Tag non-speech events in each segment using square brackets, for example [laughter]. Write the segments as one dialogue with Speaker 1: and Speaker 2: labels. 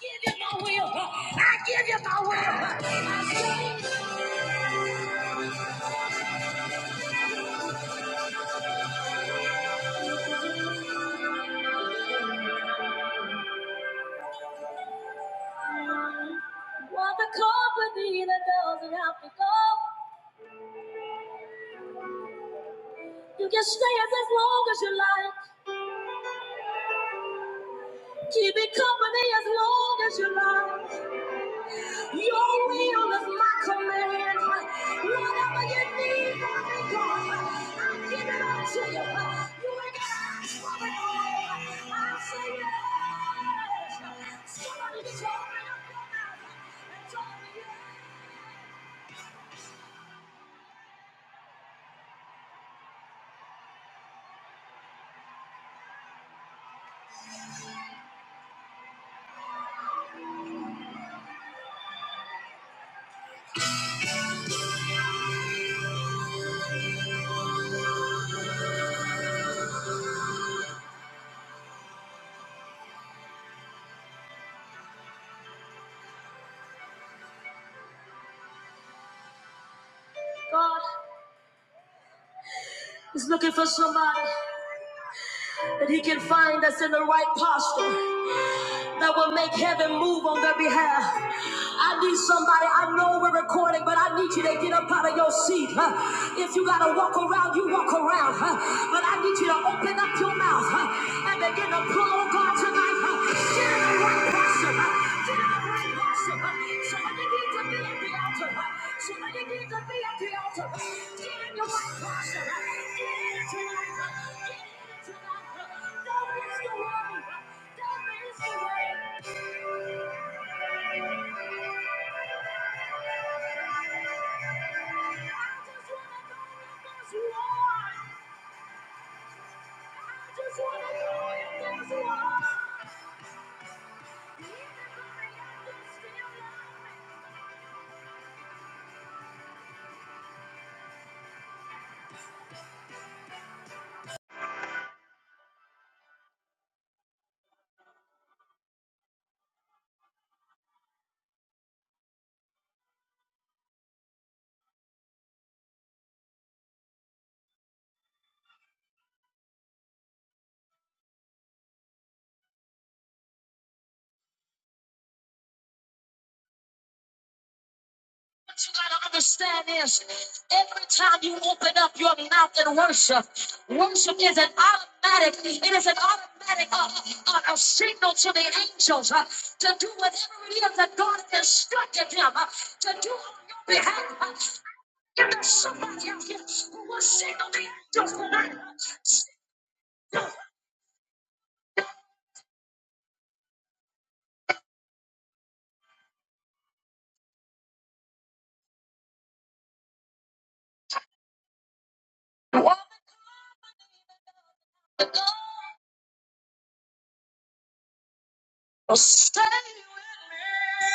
Speaker 1: give you my will. I give you my will. What the company that doesn't have to go. You can stay as long as you like. Keep it company as long as you like. Your will is my command. Whatever you need from me, God, I give it up to you. You ain't got to ask for it all. I say yes. Somebody just open up your mouth and tell me yes. God is looking for somebody that he can find that's in the right posture that will make heaven move on their behalf. I need somebody, I know we're recording, but I need you to get up out of your seat. huh? If you gotta walk around, you walk around. huh? But I need you to open up your mouth huh? and begin to pull on God tonight. huh? Get in the right posture. huh? Get in the right posture. Somebody needs to be at the altar. Somebody needs to be at the altar. Get in your right posture. Get in it tonight. Get in it tonight. Don't miss the way. Don't miss the way. I just wanna go if there's one. I just wanna go if there's one. So What you gotta understand is every time you open up your mouth and worship, worship is an automatic, it is an automatic uh, uh, uh, a signal to the angels uh, to do whatever it is that God has instructed them uh, to do on your behalf. Uh, if there's somebody out here who will signal the angels for that, woman, the God will stay with me.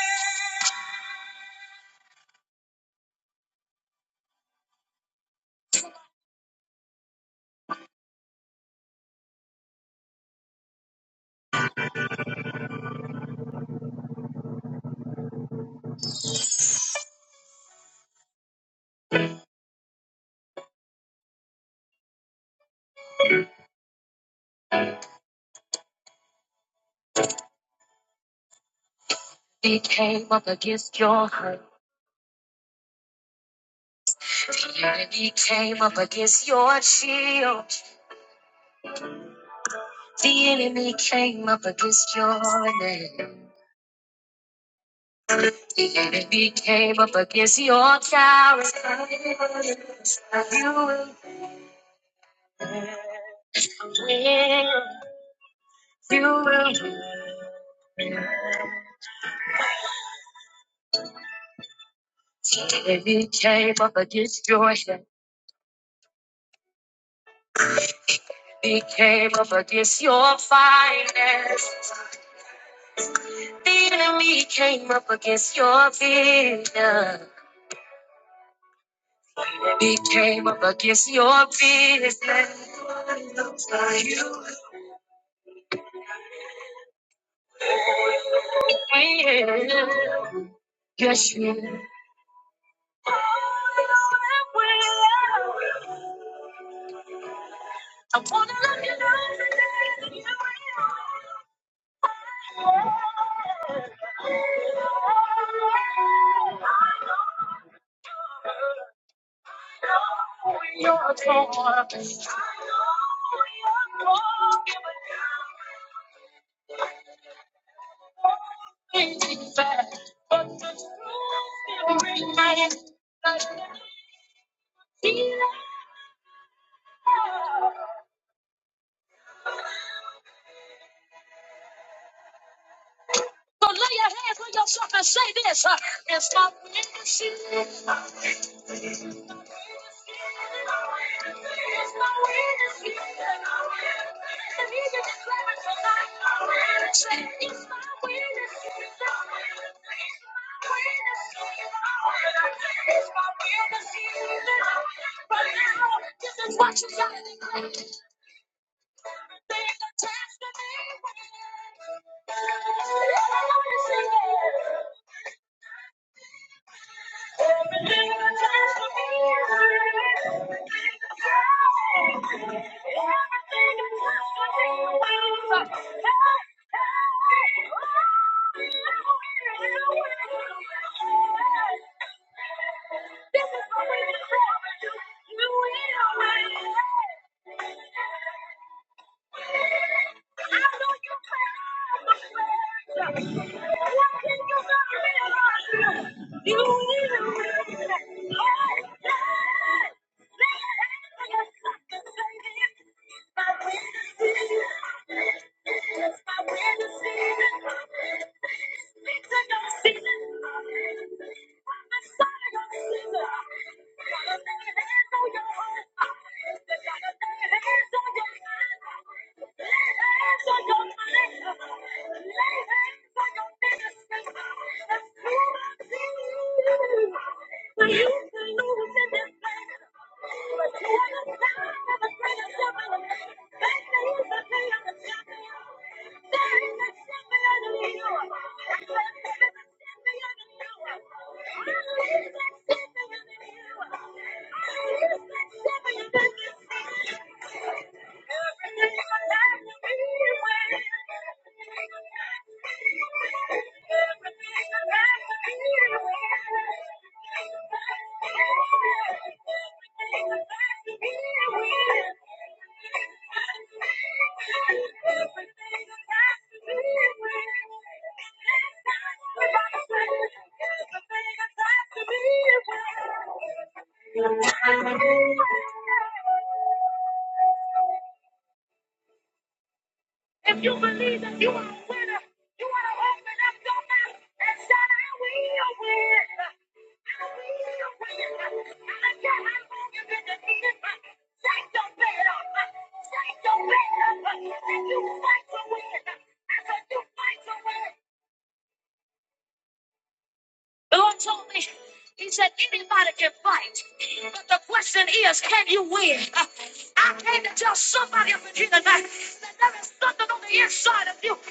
Speaker 1: He came up against your hurt. The enemy came up against your shield. The enemy came up against your name. The enemy came up against your character. You will win. You will win. The enemy came up against your health. He came up against your finance. The enemy came up against your vision. He came up against your business. Yes, you.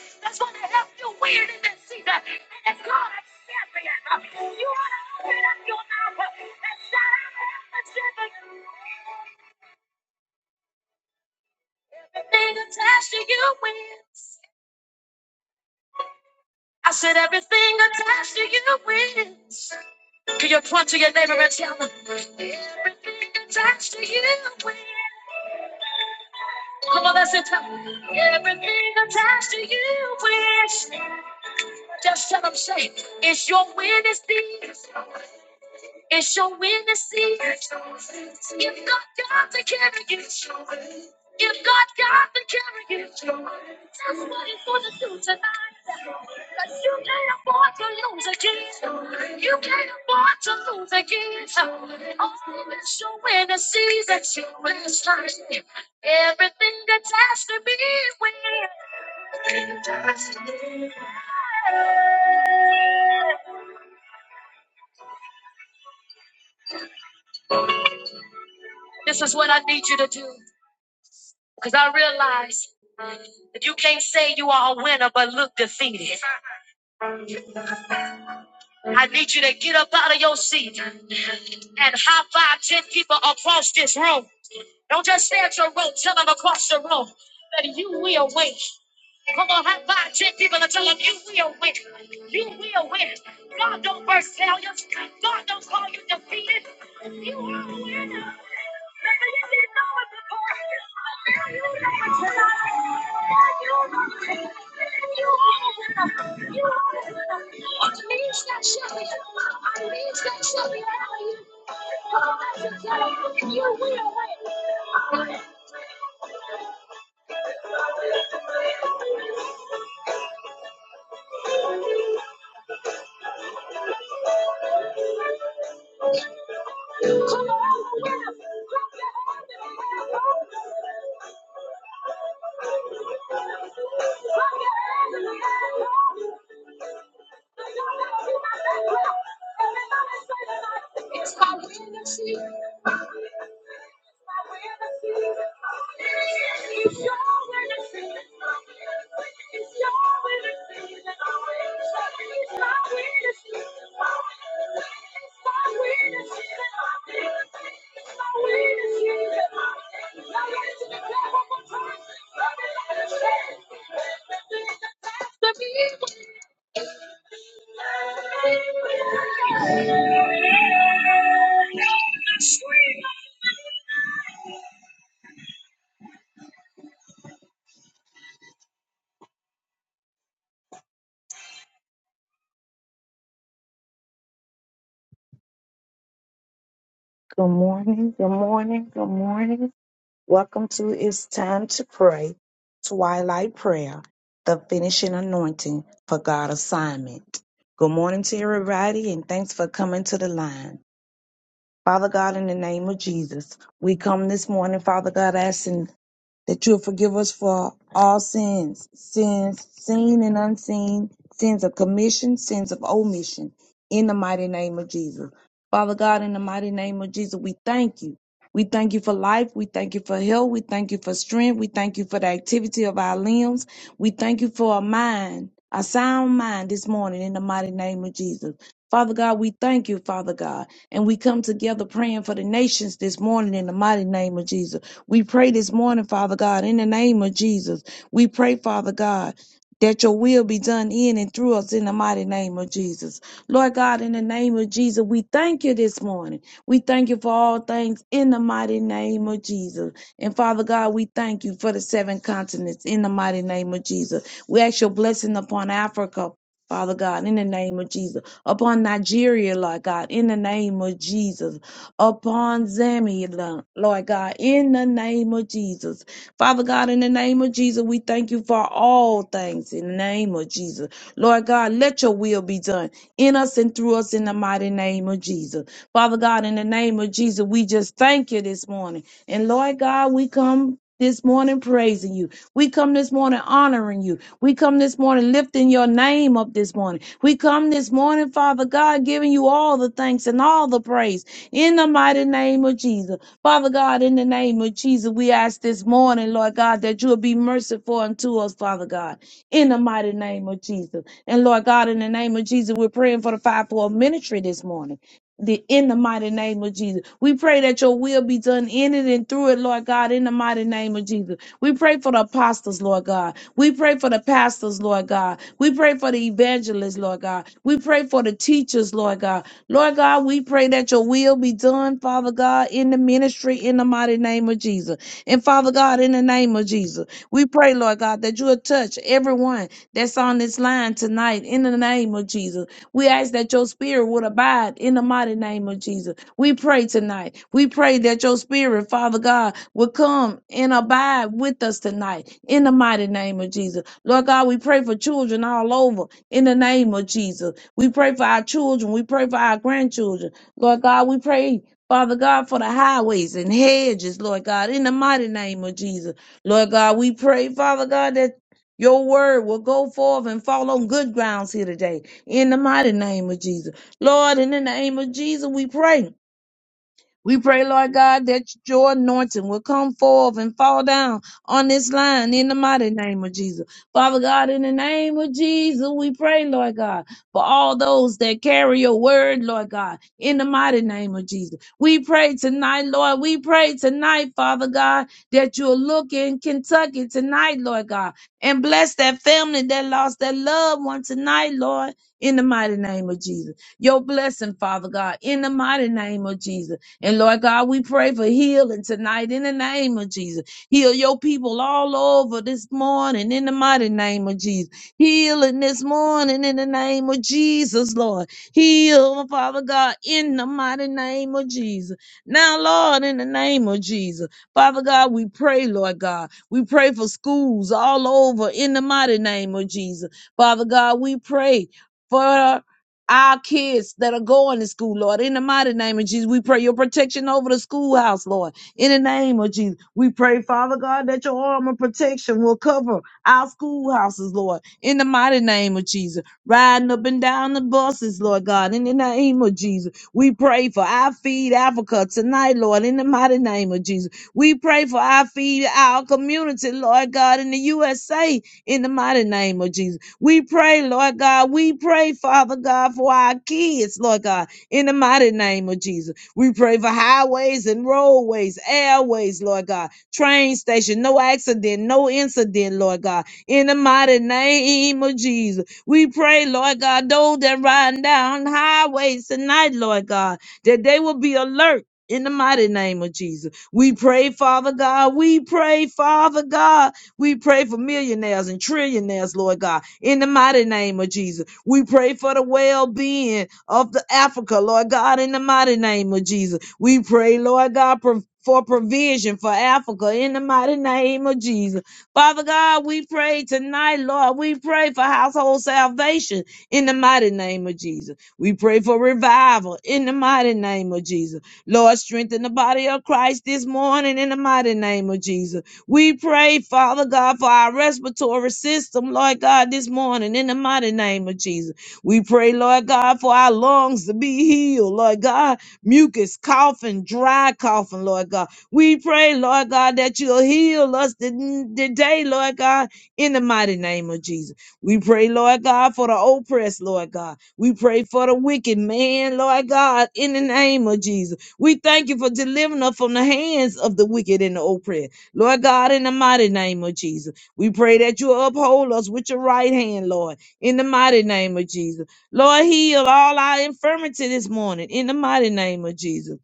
Speaker 1: Attached to you win. I said everything attached to you wins. Can you point to your neighbor and tell them? Attached to you wins. Come on, that's it. Last time. Everything attached to me wins. This is what I need you to do. Because I realize that you can't say you are a winner but look defeated. I need you to get up out of your seat and high five ten people across this room. Don't just stay at your room, tell them across the room that you will win. Come on, high five ten people and tell them you will win. You will win. God don't birth failures, God don't call you defeated. Good morning, good morning, good morning. Welcome to It's Time to Pray, Twilight Prayer, the finishing anointing for God assignment. Good morning to everybody, and thanks for coming to the line. Father God, in the name of Jesus, we come this morning, Father God, asking that you'll forgive us for all sins, sins seen and unseen, sins of commission, sins of omission, in the mighty name of Jesus. Father God, in the mighty name of Jesus, we thank you. We thank you for life. We thank you for health. We thank you for strength. We thank you for the activity of our limbs. We thank you for a mind, a sound mind this morning in the mighty name of Jesus. Father God, we thank you, Father God. And we come together praying for the nations this morning in the mighty name of Jesus. We pray this morning, Father God, in the name of Jesus. We pray, Father God. That your will be done in and through us in the mighty name of Jesus. Lord God, in the name of Jesus, we thank you this morning. We thank you for all things in the mighty name of Jesus. And Father God, we thank you for the seven continents in the mighty name of Jesus. We ask your blessing upon Africa, Father God, in the name of Jesus, upon Nigeria, Lord God, in the name of Jesus, upon Zambia, Lord Lord God, in the name of Jesus. Father God, in the name of Jesus, we thank you for all things in the name of Jesus. Lord God, let your will be done in us and through us in the mighty name of Jesus. Father God, in the name of Jesus, we just thank you this morning. And Lord God, we come this morning praising you. We come this morning honoring you. We come this morning lifting your name up this morning. We come this morning, Father God, giving you all the thanks and all the praise in the mighty name of Jesus. Father God, in the name of Jesus, we ask this morning, Lord God, that you will be merciful unto us, Father God, in the mighty name of Jesus. And Lord God, in the name of Jesus, we're praying for the fivefold ministry this morning the in the mighty name of Jesus. We pray that your will be done in it and through it, Lord God, in the mighty name of Jesus. We pray for the apostles, Lord God. We pray for the pastors, Lord God. We pray for the evangelists, Lord God. We pray for the teachers, Lord God. Lord God, we pray that your will be done, Father God, in the ministry in the mighty name of Jesus. And Father God, in the name of Jesus, we pray, Lord God, that you will touch everyone that's on this line tonight in the name of Jesus. We ask that your spirit would abide in the mighty name of Jesus. We pray tonight. We pray that your spirit, Father God, will come and abide with us tonight in the mighty name of Jesus. Lord God, we pray for children all over in the name of Jesus. We pray for our children. We pray for our grandchildren. Lord God, we pray. Father God, for the highways and hedges, Lord God, in the mighty name of Jesus. Lord God, we pray, Father God, that your word will go forth and fall on good grounds here today in the mighty name of Jesus. Lord, in the name of Jesus, we pray. We pray, Lord God, that your anointing will come forth and fall down on this line in the mighty name of Jesus. Father God, in the name of Jesus, we pray, Lord God, for all those that carry your word, Lord God, in the mighty name of Jesus. We pray tonight, Lord. We pray tonight, Father God, that you'll look in Kentucky tonight, Lord God, and bless that family that lost their loved one tonight, Lord, in the mighty name of Jesus. Your blessing, Father God, in the mighty name of Jesus and Lord God, we pray for healing tonight in the name of Jesus. Heal your people all over this morning in the mighty name of Jesus. Healing this morning in the name of Jesus, Lord. Heal, Father God, in the mighty name of Jesus. Now, Lord, in the name of Jesus, Father God, we pray, Lord God. We pray for schools all over in the mighty name of Jesus. Father God, we pray. for our kids that are going to school, Lord. In the mighty name of Jesus, we pray your protection over the schoolhouse, Lord. In the name of Jesus, we pray, Father God, that your arm of protection will cover our schoolhouses, Lord. In the mighty name of Jesus, riding up and down the buses, Lord God. In the name of Jesus, we pray for our feed Africa tonight, Lord. In the mighty name of Jesus, we pray for our feed our community, Lord God, in the USA. In the mighty name of Jesus. We pray, Lord God. We pray, Father God, for our kids, Lord God, in the mighty name of Jesus. We pray for highways and roadways, airways, Lord God, train station, no accident, no incident, Lord God, in the mighty name of Jesus. We pray, Lord God, those that riding down highways tonight, Lord God, that they will be alert. In the mighty name of Jesus, we pray, Father God. We pray, Father God, we pray for millionaires and trillionaires, Lord God, in the mighty name of Jesus. We pray for the well being of the Africa, Lord God, in the mighty name of Jesus. We pray, Lord God, pro- for provision for Africa in the mighty name of Jesus. Father God, we pray tonight, Lord. We pray for household salvation in the mighty name of Jesus. We pray for revival in the mighty name of Jesus. Lord, strengthen the body of Christ this morning in the mighty name of Jesus. We pray, Father God, for our respiratory respiratory system, Lord God, this morning in the mighty name of Jesus. We pray, Lord God, for our lungs to be healed, Lord God. Mucus, coughing, dry coughing, Lord God. We pray, Lord God, that you'll heal us to- today, Lord God, in the mighty name of Jesus. We pray, Lord God, for the oppressed, Lord God. We pray for the wicked man, Lord God, in the name of Jesus. We thank you for delivering us from the hands of the wicked and the oppressed. Lord God, in the mighty name of Jesus, we pray that you uphold us with your right hand, Lord, in the mighty name of Jesus. Lord, heal all our infirmity this morning, in the mighty name of Jesus.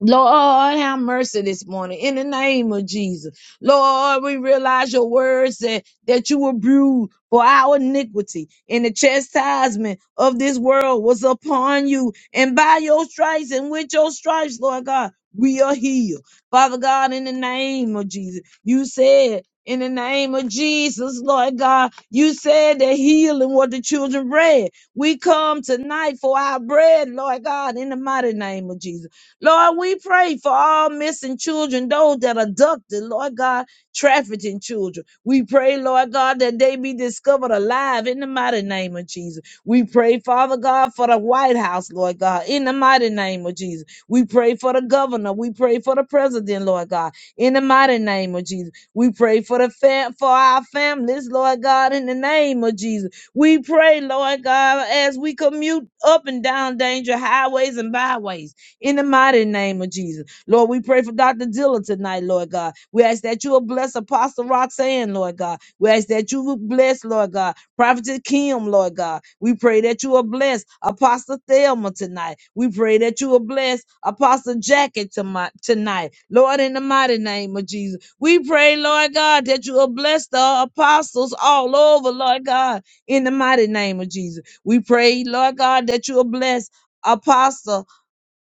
Speaker 1: Lord, have mercy this morning in the name of Jesus. Lord, we realize your words that, that you were bruised for our iniquity, and the chastisement of this world was upon you. And by your stripes and with your stripes, Lord God, we are healed. Father God, in the name of Jesus, you said, in the name of Jesus, Lord God, you said that healing what the children bread. We come tonight for our bread, Lord God, in the mighty name of Jesus. Lord, we pray for all missing children, those that are abducted, Lord God, trafficking children. We pray, Lord God, that they be discovered alive in the mighty name of Jesus. We pray, Father God, for the White House, Lord God, in the mighty name of Jesus. We pray for the governor. We pray for the president, Lord God, in the mighty name of Jesus. We pray for the fam- for our families, Lord God, in the name of Jesus. We pray, Lord God, as we commute up and down danger highways and byways in the mighty name of Jesus. Lord, we pray for Dr. Dilla tonight, Lord God. We ask that you will bless Apostle Roxanne, Lord God. We ask that you will bless, Lord God, Prophet Kim, Lord God. We pray that you will bless Apostle Thelma tonight. We pray that you will bless Apostle Jackie tomi- tonight, Lord, in the mighty name of Jesus. We pray, Lord God, that you will bless the apostles all over, Lord God, in the mighty name of Jesus. We pray, Lord God, that you will bless Apostle.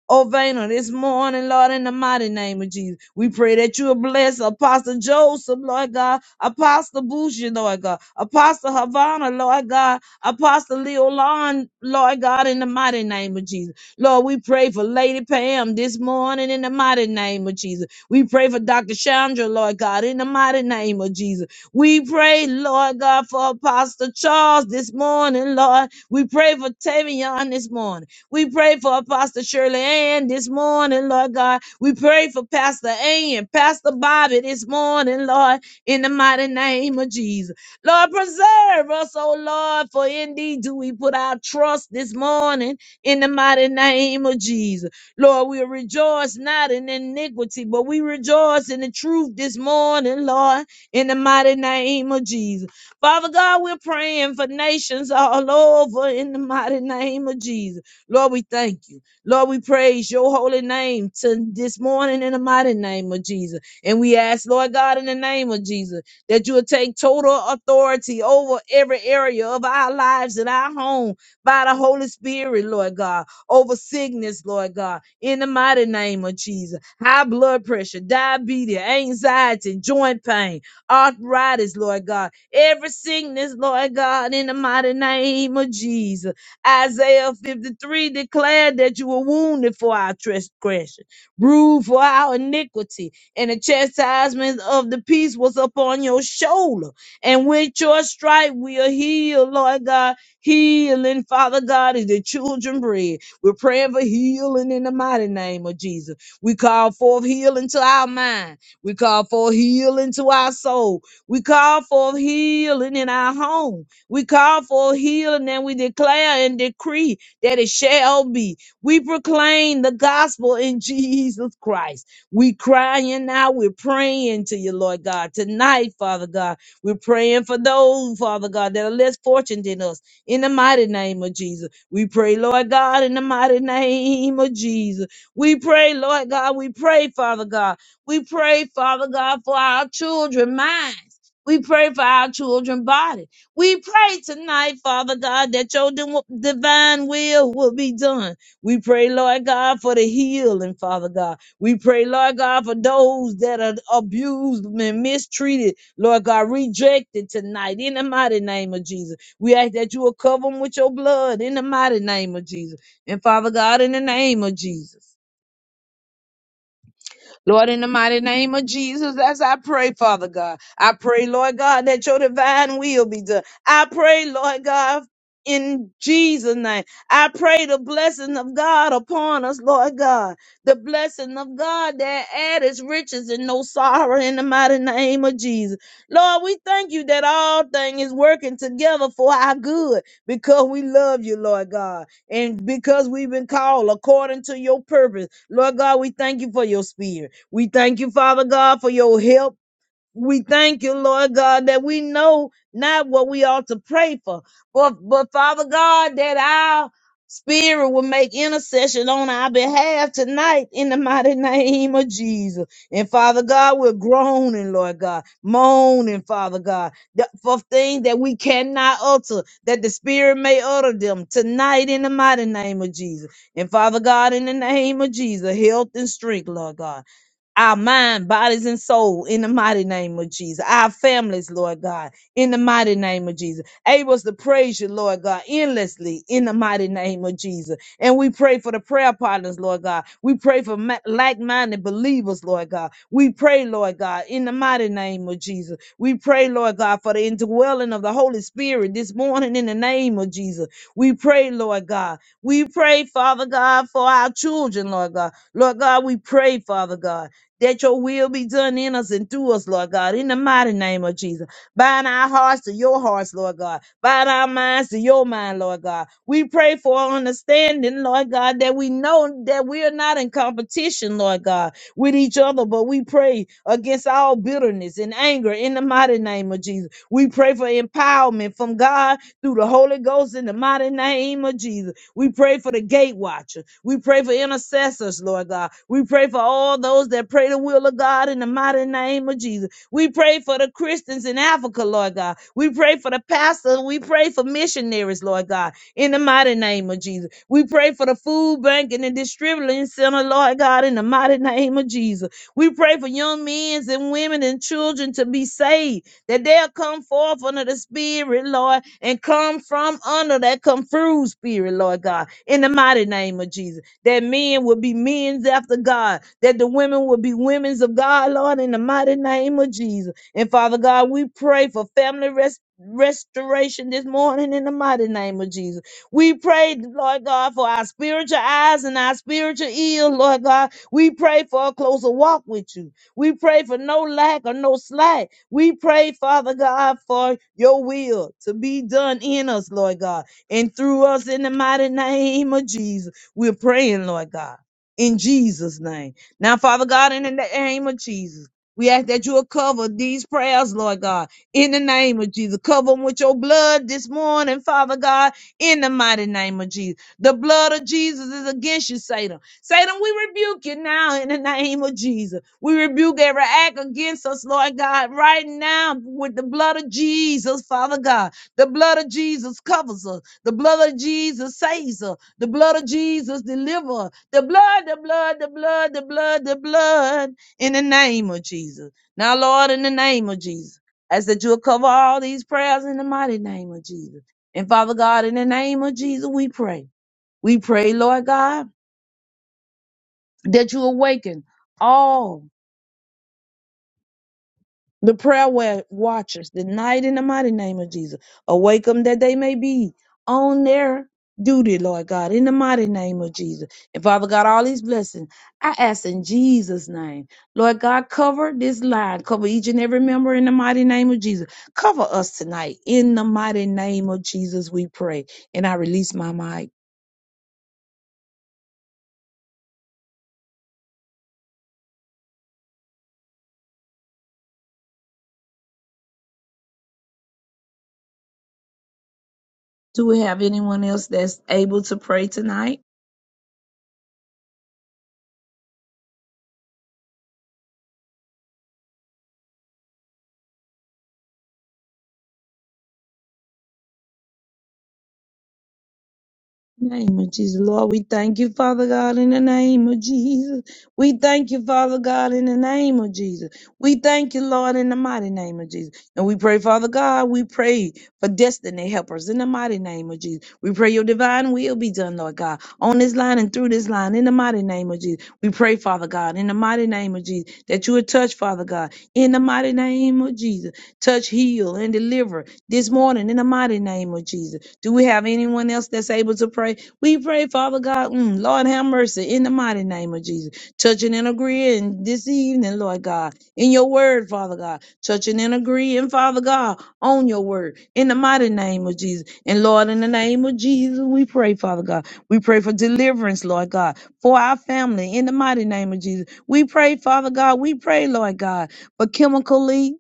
Speaker 1: Oh, Vayner, this morning, Lord, in the mighty name of Jesus, we pray that you will bless Apostle Joseph, Lord God, Apostle Boucher, Lord God, Apostle Havana, Lord God, Apostle Leo Lon, Lord God, in the mighty name of Jesus. Lord, we pray for Lady Pam this morning in the mighty name of Jesus. We pray for Dr. Chandra, Lord God, in the mighty name of Jesus. We pray, pray, Lord God, for Apostle Charles this morning, Lord. We pray for Tavion this morning. We pray for Apostle Shirley Ann this morning, Lord God. We pray for Pastor A and Pastor Bobby this morning, Lord, in the mighty name of Jesus. Lord, preserve us, oh Lord, for indeed do we put our trust this morning in the mighty name of Jesus. Lord, we rejoice not in iniquity, but we rejoice in the truth this morning, Lord, in the mighty name of Jesus. Father God, we're praying for nations all over in the mighty name of Jesus. Lord, we thank you. Lord, we praise your holy name to this morning in the mighty name of Jesus. And we ask, Lord God, in the name of Jesus, that you will take total authority over every area of our lives and our home by the Holy Spirit, Lord God over sickness, Lord God, in the mighty name of Jesus. High blood pressure, diabetes, anxiety, joint pain, arthritis, Lord God, every sickness, Lord God, in the mighty name of Jesus. Isaiah 53 declared that you were wounded for our transgression, bruised for our iniquity, and the chastisement of the peace was upon your shoulder. And with your stripe, we are healed, Lord God. Healing, Father God, is the children bread. We're praying for healing in the mighty name of Jesus. We call forth healing to our mind. We call forth healing to our soul. We call forth healing in our home. We call forth healing and we declare and decree that it shall be. We proclaim the gospel in Jesus Christ. We crying out. We're praying to you, Lord God. Tonight, Father God, we're praying for those, Father God, that are less fortunate than us in the mighty name of Jesus. We pray, Lord God, in the mighty name of Jesus. We pray, Lord God. We pray, Father God. We pray, Father God, for our children minds. We pray for our children body. We pray tonight, Father God, that your di- divine will will be done. We pray, Lord God, for the healing, Father God. We pray, Lord God, for those that are abused and mistreated, Lord God, rejected tonight in the mighty name of Jesus. We ask that you will cover them with your blood in the mighty name of Jesus. And Father God, in the name of Jesus. Lord, in the mighty name of Jesus, as I pray, Father God, I pray, Lord God, that your divine will be done. I pray, Lord God, in Jesus' name, I pray the blessing of God upon us, Lord God, the blessing of God that adds riches and no sorrow in the mighty name of Jesus. Lord, we thank you that all things is working together for our good because we love you, Lord God, and because we've been called according to your purpose. Lord God, we thank you for your spirit. We thank you, Father God, for your help. We thank you, Lord God, that we know not what we ought to pray for, but, but Father God, that our spirit will make intercession on our behalf tonight in the mighty name of Jesus. And Father God, we're groaning, Lord God, moaning, Father God, that- for things that we cannot utter, that the spirit may utter them tonight in the mighty name of Jesus. And Father God, in the name of Jesus, health and strength, Lord God our mind, bodies, and soul in the mighty name of Jesus. Our families, Lord God, in the mighty name of Jesus. Able to praise you, Lord God, endlessly in the mighty name of Jesus. And we pray for the prayer partners, Lord God. We pray for ma- like-minded believers, Lord God. We pray, Lord God, in the mighty name of Jesus. We pray, Lord God, for the indwelling of the Holy Spirit this morning in the name of Jesus. We pray, Lord God. We pray, Father God, for our children, Lord God. Lord God, we pray, Father God that your will be done in us and through us, Lord God, in the mighty name of Jesus. Bind our hearts to your hearts, Lord God. Bind our minds to your mind, Lord God. We pray for understanding, Lord God, that we know that we are not in competition, Lord God, with each other, but we pray against all bitterness and anger in the mighty name of Jesus. We pray for empowerment from God through the Holy Ghost in the mighty name of Jesus. We pray for the gate watcher. We pray for intercessors, Lord God. We pray for all those that pray the will of God in the mighty name of Jesus. We pray for the Christian. Christians in Africa, Lord God. We pray for the pastor. We pray for missionaries, Lord God, in the mighty name of Jesus. We pray for the food bank and the distributing center, Lord God, in the mighty name of Jesus. We pray for young men and women and children to be saved, that they'll come forth under the Spirit, Lord, and come from under that come through Spirit, Lord God, in the mighty name of Jesus that men will be men's after God, that the women will be women's of God, Lord, in the mighty name of Jesus. And Father God, we pray for family rest. Restoration this morning in the mighty name of Jesus. We pray, Lord God, for our spiritual eyes and our spiritual ears, Lord God. We pray for a closer walk with you. We pray for no lack or no slack. We pray, Father God, for your will to be done in us, Lord God, and through us in the mighty name of Jesus. We're praying, Lord God, in Jesus' name. Now, Father God, in the name of Jesus. We ask that you will cover these prayers, Lord God, in the name of Jesus. Cover them with your blood this morning, Father God, in the mighty name of Jesus. The blood of Jesus is against you, Satan. Satan, we rebuke you now in the name of Jesus. We rebuke every act against us, Lord God, right now with the blood of Jesus, Father God. The blood of Jesus covers us. The blood of Jesus saves us. The blood of Jesus delivers us. The blood, the blood, the blood, the blood, the blood in the name of Jesus. Now, Lord, in the name of Jesus, I ask that you'll cover all these prayers in the mighty name of Jesus. And Father God, in the name of Jesus, we pray. We pray, Lord God, that you awaken all the prayer wa- watchers tonight in the mighty name of Jesus. Awake them that they may be on their duty, Lord God, in the mighty name of Jesus. And Father God, all these blessings, I ask in Jesus' name. Lord God, cover this line, cover each and every member in the mighty name of Jesus. Cover us tonight in the mighty name of Jesus, we pray. And I release my mic. Do we have anyone else that's able to pray tonight? Name of Jesus, Lord, we thank you, Father God, in the name of Jesus. We thank you, Father God, in the name of Jesus. We thank you, Lord, in the mighty name of Jesus. And we pray, Father God, we pray for destiny helpers in the mighty name of Jesus. We pray your divine will be done, Lord God, on this line and through this line in the mighty name of Jesus. We pray, Father God, in the mighty name of Jesus, that you would touch, Father God, in the mighty name of Jesus. Touch, heal, and deliver this morning in the mighty name of Jesus. Do we have anyone else that's able to pray? We pray, Father God, mm, Lord have mercy in the mighty name of Jesus. Touching and agreeing this evening, Lord God, in your word, Father God. Touching and agreeing, Father God, on your word in the mighty name of Jesus. And Lord, in the name of Jesus, we pray, Father God. We pray for deliverance, Lord God, for our family in the mighty name of Jesus. We pray, Father God, we pray, Lord God, for chemically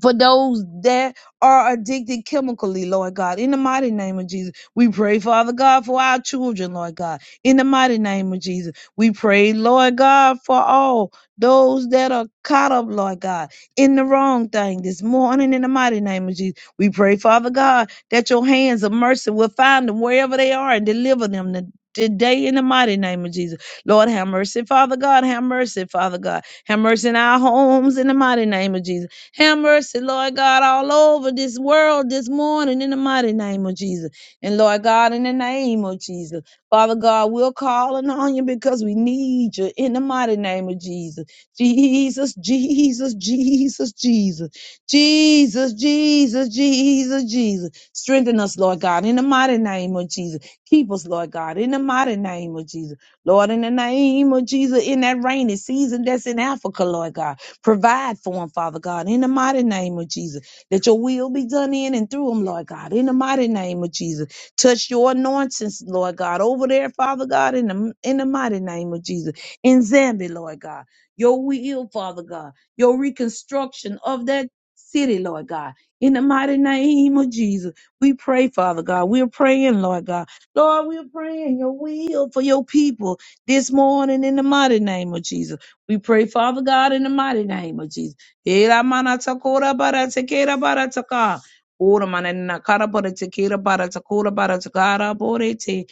Speaker 1: for those that are addicted chemically, Lord God. In the mighty name of Jesus, we pray, Father God, for our children, Lord God. In the mighty name of Jesus, we pray, Lord God, for all those that are caught up, Lord God, in the wrong thing this morning. In the mighty name of Jesus, we pray, Father God, that your hands of mercy will find them wherever they are and deliver them to- Today, in the mighty name of Jesus, Lord, have mercy, Father God, have mercy, Father God, have mercy in our homes, in the mighty name of Jesus. Have mercy, Lord God, all over this world this morning in the mighty name of Jesus. And Lord God, in the name of Jesus, Father God, we're calling on you because we need you in the mighty name of Jesus. Jesus, Jesus, Jesus, Jesus. Jesus, Jesus, Jesus, Jesus. Strengthen us, Lord God, in the mighty name of Jesus. Keep us, Lord God, in the mighty name of Jesus. Lord, in the name of Jesus, in that rainy season that's in Africa, Lord God. Provide for them, Father God, in the mighty name of Jesus. That your will be done in and through them, Lord God, in the mighty name of Jesus. Touch your anointings, Lord God, over there, Father God, in the, in the mighty name of Jesus. In Zambia, Lord God, your will, Father God, your reconstruction of that city, Lord God. In the mighty name of Jesus, we pray, Father God. We're praying, Lord God. Lord, we're praying your will for your people this morning in the mighty name of Jesus. We pray, Father God, in the mighty name of Jesus. Ela mana takora bara takera bara taka. Ora mana na bara takera bara takora bara takara bore te.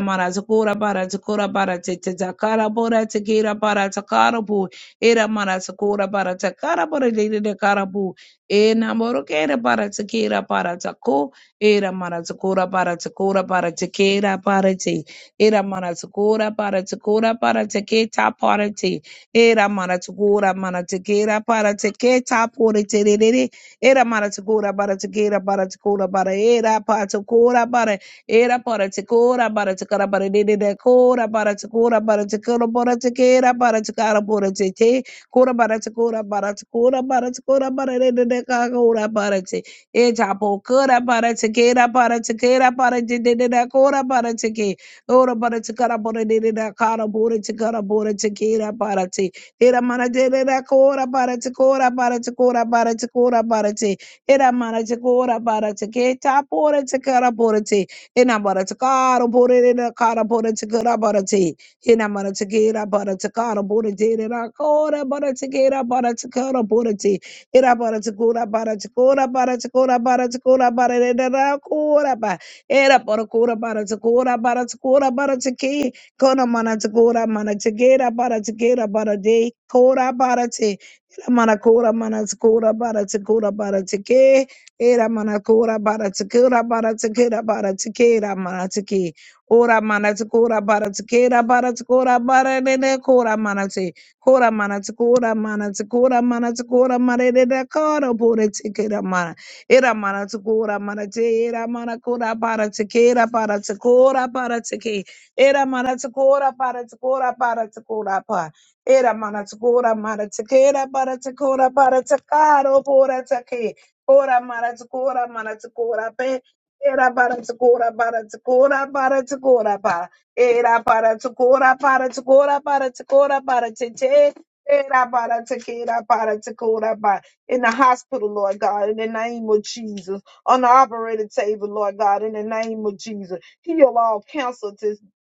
Speaker 1: mana takora bara takora bara te takara bora takera bara takara bo. Ira mana takora bara takara bora lele de bo. E na kera bara takera bara tako. Ira mana takora bara takora bara takera bara te. Ira mana takora bara takora bara taketa bara te. Era mana mara mana mara kera para teketa pore tererere. Era mana mara tukura bara to kera bara tukura bara era para tukura bara era para tekura bara tekara bara dede de kura bara tukura bara tekura bara tekera bara tekara pore tete kura bara tekura bara tekura bara tekura bara dede de kura bara te eta pokura bara to kera bara to kera bara dede de kura bara teke Ora bara chikara bora dere da kara bora chikara bora chikira bara te. Era mana dere da kora bara chikora bara chikora bara chikora bara te. Era mana chikora bara chiketa bora chikara bora te. Ena bara chikara bora dere da kara bora chikara bara te. Ena mana chikira bara chikara bora dere da kora bara chikira bara chikara bora te. Era bara chikora bara chikora bara chikora bara chikora bara dere da kora ba. Era por cura para te cura para te cura para te que cona mana te cura mana te quera para te quera para de cura para te era mana cura mana te cura para te cura para te que era mana cura para te cura para te quera para te quera mana te que ora mana te cura para te quera para te cura para de de cura mana te cura mana te cura mana te cura mana te cura mana de de cura por te quera mana Era mana tukura mana te, era mana kura para teke, era para tukura para teke, era mana tukura para tukura para tukura pa. Era mana tukura mana teke, era para tukura para tukaro para teke. Ora mara tsikora mara tsikora pe era para tsikora para tsikora para tsikora pa era para tsikora para tsikora para tsikora para tete era para tsikera para tsikora pa in the hospital Lord God in the name of Jesus on the operating table Lord God in the name of Jesus heal all cancer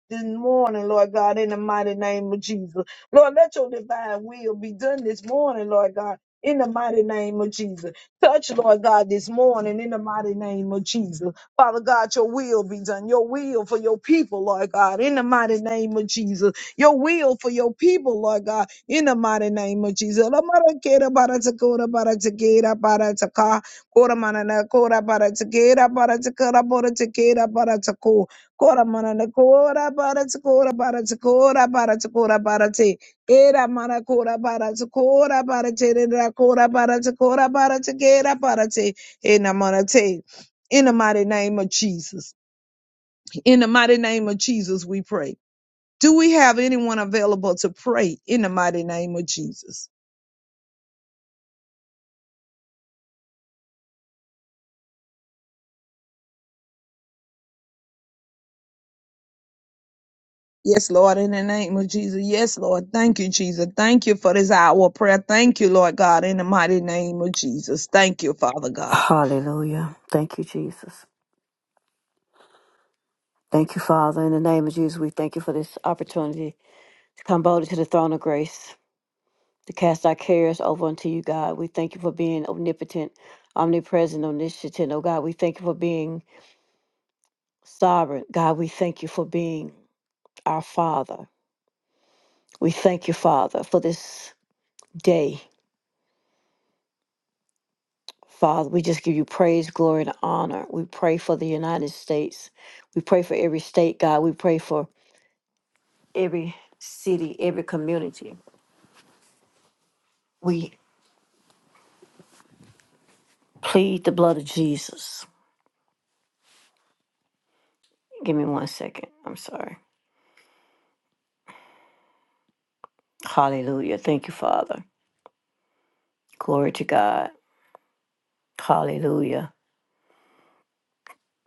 Speaker 1: this morning, Lord God, in the mighty name of Jesus. Lord, let your divine will be done this morning, Lord God, in the mighty name of Jesus. Touch, Lord God, this morning in the mighty name of Jesus. Father God, your will be done. Your will for your people, Lord God, in the mighty name of Jesus. Your will for your people, Lord God, in the mighty name of Jesus. Lamarakera baratakora baratakera barataka. Kora manana kora baratakera baratakora baratakera baratako. Kora mana na kora para te kora para te kora para te kora para te era mana kora para te kora para te re kora para te kora para te kera para te ena mana te in the mighty name of Jesus in the mighty name of Jesus we pray do we have anyone available to pray in the mighty name of Jesus Yes, Lord, in the name of Jesus. Yes, Lord. Thank you, Jesus. Thank you for this hour of prayer. Thank you, Lord God, in the mighty name of Jesus. Thank you, Father God.
Speaker 2: Hallelujah. Thank you, Jesus. Thank you, Father. In the name of Jesus, we thank you for this opportunity to come boldly to the throne of grace, to cast our cares over unto you, God. We thank you for being omnipotent, omnipresent, omniscient. Oh, God, we thank you for being sovereign. God, we thank you for being our Father. We thank you, Father, for this day. Father, we just give you praise, glory, and honor. We pray for the United States. We pray for every state, God. We pray for every city, every community. We plead the blood of Jesus. Give me one second. I'm sorry. Hallelujah. Thank you, Father. Glory to God. Hallelujah.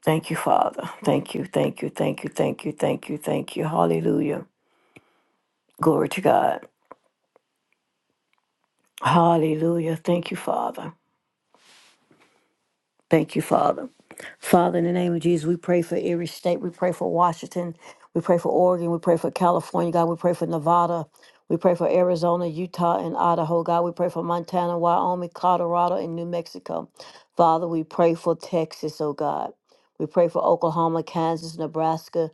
Speaker 2: Thank you, Father. Thank you, thank you, thank you, thank you, thank you, thank you. Hallelujah. Glory to God. Hallelujah. Thank you, Father. Thank you, Father. Father, in the name of Jesus, we pray for every state. We pray for Washington. We pray for Oregon. We pray for California, God. We pray for Nevada. We pray for Arizona, Utah, and Idaho, God. We pray for Montana, Wyoming, Colorado, and New Mexico. Father, we pray for Texas, oh God. We pray for Oklahoma, Kansas, Nebraska,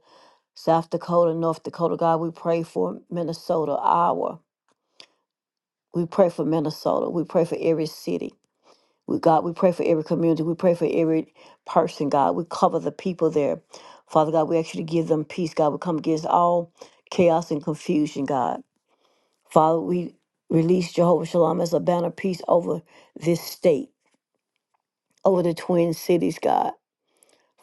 Speaker 2: South Dakota, North Dakota, God. We pray for Minnesota, Iowa. We pray for Minnesota. We pray for every city. We, God, we pray for every community. We pray for every person, God. We cover the people there. Father God, we actually give them peace, God. We come against all chaos and confusion, God. Father, we release Jehovah Shalom as a banner of peace over this state, over the twin cities, God.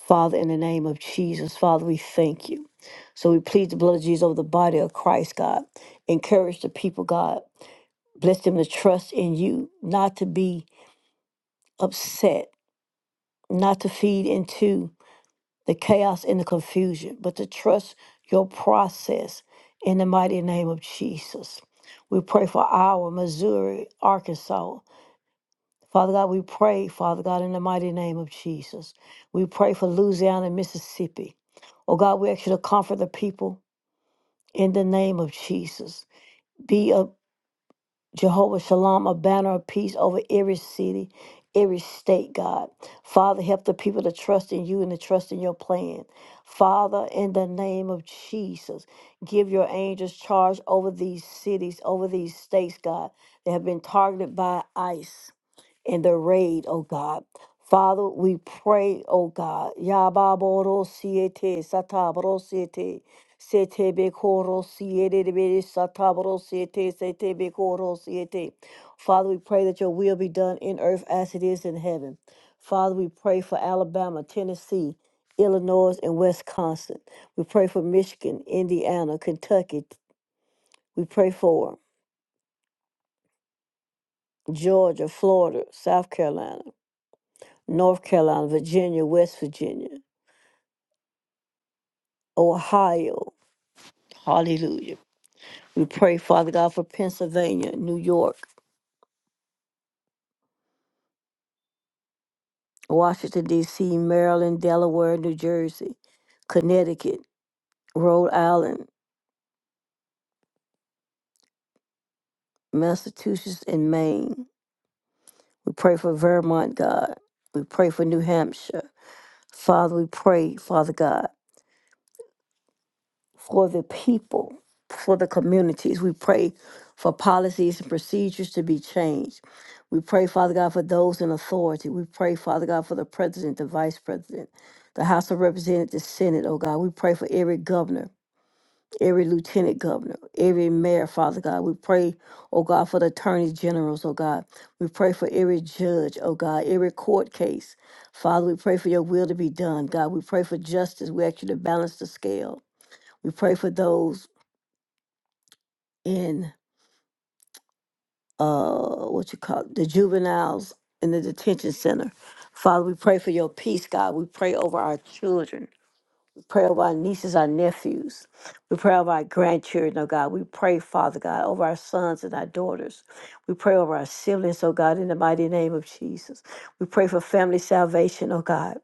Speaker 2: Father, in the name of Jesus, Father, we thank you. So we plead the blood of Jesus over the body of Christ, God. Encourage the people, God. Bless them to trust in you, not to be upset, not to feed into the chaos and the confusion, but to trust your process in the mighty name of Jesus. We pray for our Missouri, Arkansas. Father God, we pray, Father God, in the mighty name of Jesus. We pray for Louisiana and Mississippi. Oh God, we ask you to comfort the people in the name of Jesus. Be a Jehovah Shalom, a banner of peace over every city, every state, God. Father, help the people to trust in you and to trust in your plan. Father, in the name of Jesus, give your angels charge over these cities, over these states, God, that have been targeted by ICE in the raid, oh God. Father, we pray, oh God. Yababoro siete satabro siete. Setebe koro siete debere satabro siete setebe koro siete. Father, we pray that your will be done in earth as it is in heaven. Father, we pray for Alabama, Tennessee, Illinois, and Wisconsin. We pray for Michigan, Indiana, Kentucky. We pray for Georgia, Florida, South Carolina. North Carolina, Virginia, West Virginia, Ohio. Hallelujah. We pray, Father God, for Pennsylvania, New York, Washington, D.C., Maryland, Delaware, New Jersey, Connecticut, Rhode Island, Massachusetts, and Maine. We pray for Vermont, God. We pray for New Hampshire. Father, we pray, Father God. for the people, for the communities. We pray for policies and procedures to be changed. We pray, Father God, for those in authority. We pray, Father God, for the president, the vice president, the House of Representatives, the Senate, oh God. We pray for every governor, every lieutenant governor, every mayor, Father God. We pray, oh God, for the attorney generals, oh God. We pray for every judge, oh God, every court case. Father, we pray for your will to be done, God. We pray for justice. We ask you to balance the scale. We pray for those in uh what you call it, the juveniles in the detention center. Father, we pray for your peace, God. We pray over our children. We pray over our nieces, our nephews. We pray over our grandchildren, oh God. We pray, Father God, over our sons and our daughters. We pray over our siblings, oh God, in the mighty name of Jesus. We pray for family salvation, oh God.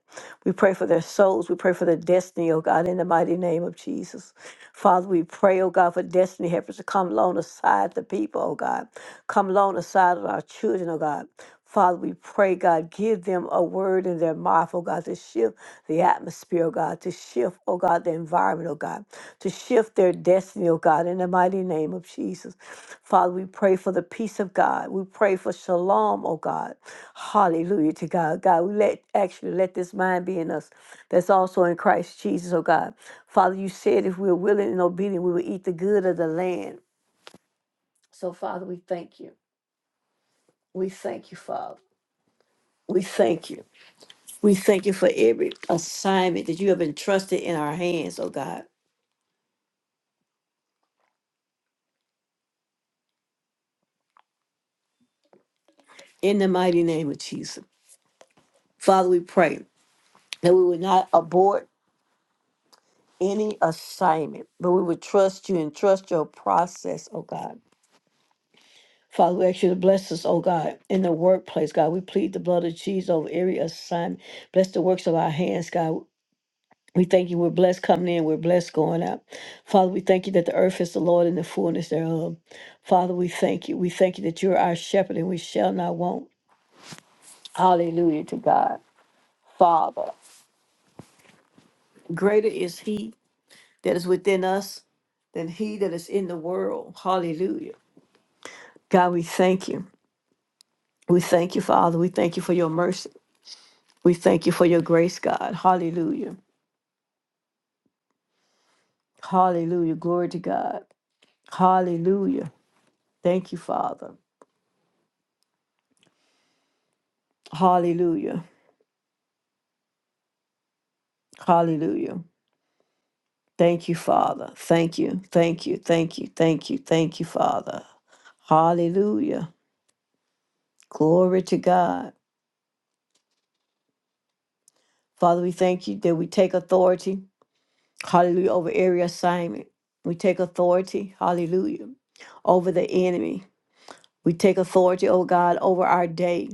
Speaker 2: We pray for their souls. We pray for their destiny, oh God, in the mighty name of Jesus. Father, we pray, oh God, for destiny helpers to come alongside the people, oh God. Come alongside of our children, oh God. Father, we pray, God, give them a word in their mouth, oh God, to shift the atmosphere, oh God, to shift, oh God, the environment, oh God, to shift their destiny, oh God, in the mighty name of Jesus. Father, we pray for the peace of God. We pray for shalom, oh God. Hallelujah to God. God, we let actually let this mind be in us that's also in Christ Jesus, oh God. Father, you said if we're willing and obedient, we will eat the good of the land. So, Father, we thank you. We thank you, Father. We thank you. We thank you for every assignment that you have entrusted in our hands, oh God. In the mighty name of Jesus. Father, we pray that we would not abort any assignment, but we would trust you and trust your process, oh God. Father, we ask you to bless us, oh God, in the workplace, God. We plead the blood of Jesus over every assignment. Bless the works of our hands, God. We thank you. We're blessed coming in. We're blessed going out. Father, we thank you that the earth is the Lord and the fullness thereof. Father, we thank you. We thank you that you're our shepherd and we shall not want. Hallelujah to God. Father, greater is He that is within us than he that is in the world. Hallelujah. God, we thank you. We thank you, Father. We thank you for your mercy. We thank you for your grace, God. Hallelujah. Hallelujah. Glory to God. Hallelujah. Thank you, Father. Hallelujah. Hallelujah. Thank you, Father. Thank you. Thank you. Thank you. Thank you. Thank you, Father. Hallelujah. Glory to God. Father, we thank you that we take authority Hallelujah. Over every assignment. We take authority. Hallelujah. Over the enemy. We take authority, oh God, over our day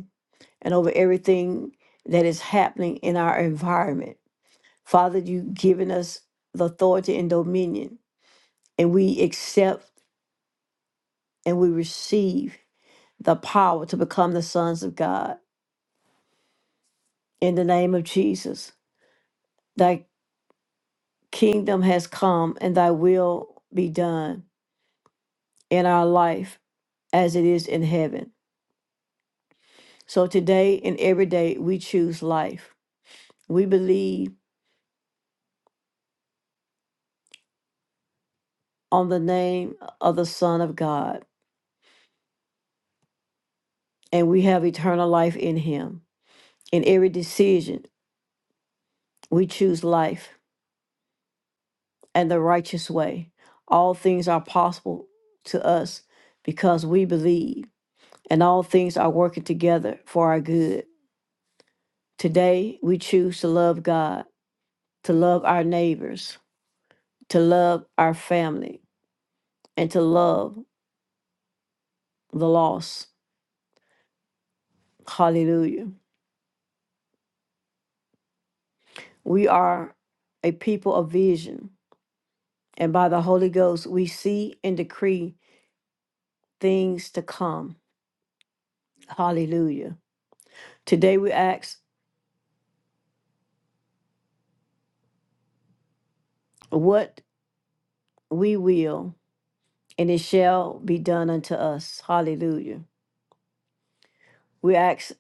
Speaker 2: and over everything that is happening in our environment. Father, you've given us the authority and dominion, and we accept and we receive the power to become the sons of God. In the name of Jesus, thy kingdom has come and thy will be done in our life as it is in heaven. So today and every day, we choose life. We believe on the name of the Son of God, and we have eternal life in Him. In every decision, we choose life and the righteous way. All things are possible to us because we believe, and all things are working together for our good. Today, we choose to love God, to love our neighbors, to love our family, and to love the lost. Hallelujah. We are a people of vision, and by the Holy Ghost, we see and decree things to come. Hallelujah. Today we ask what we will, and it shall be done unto us. Hallelujah. We ask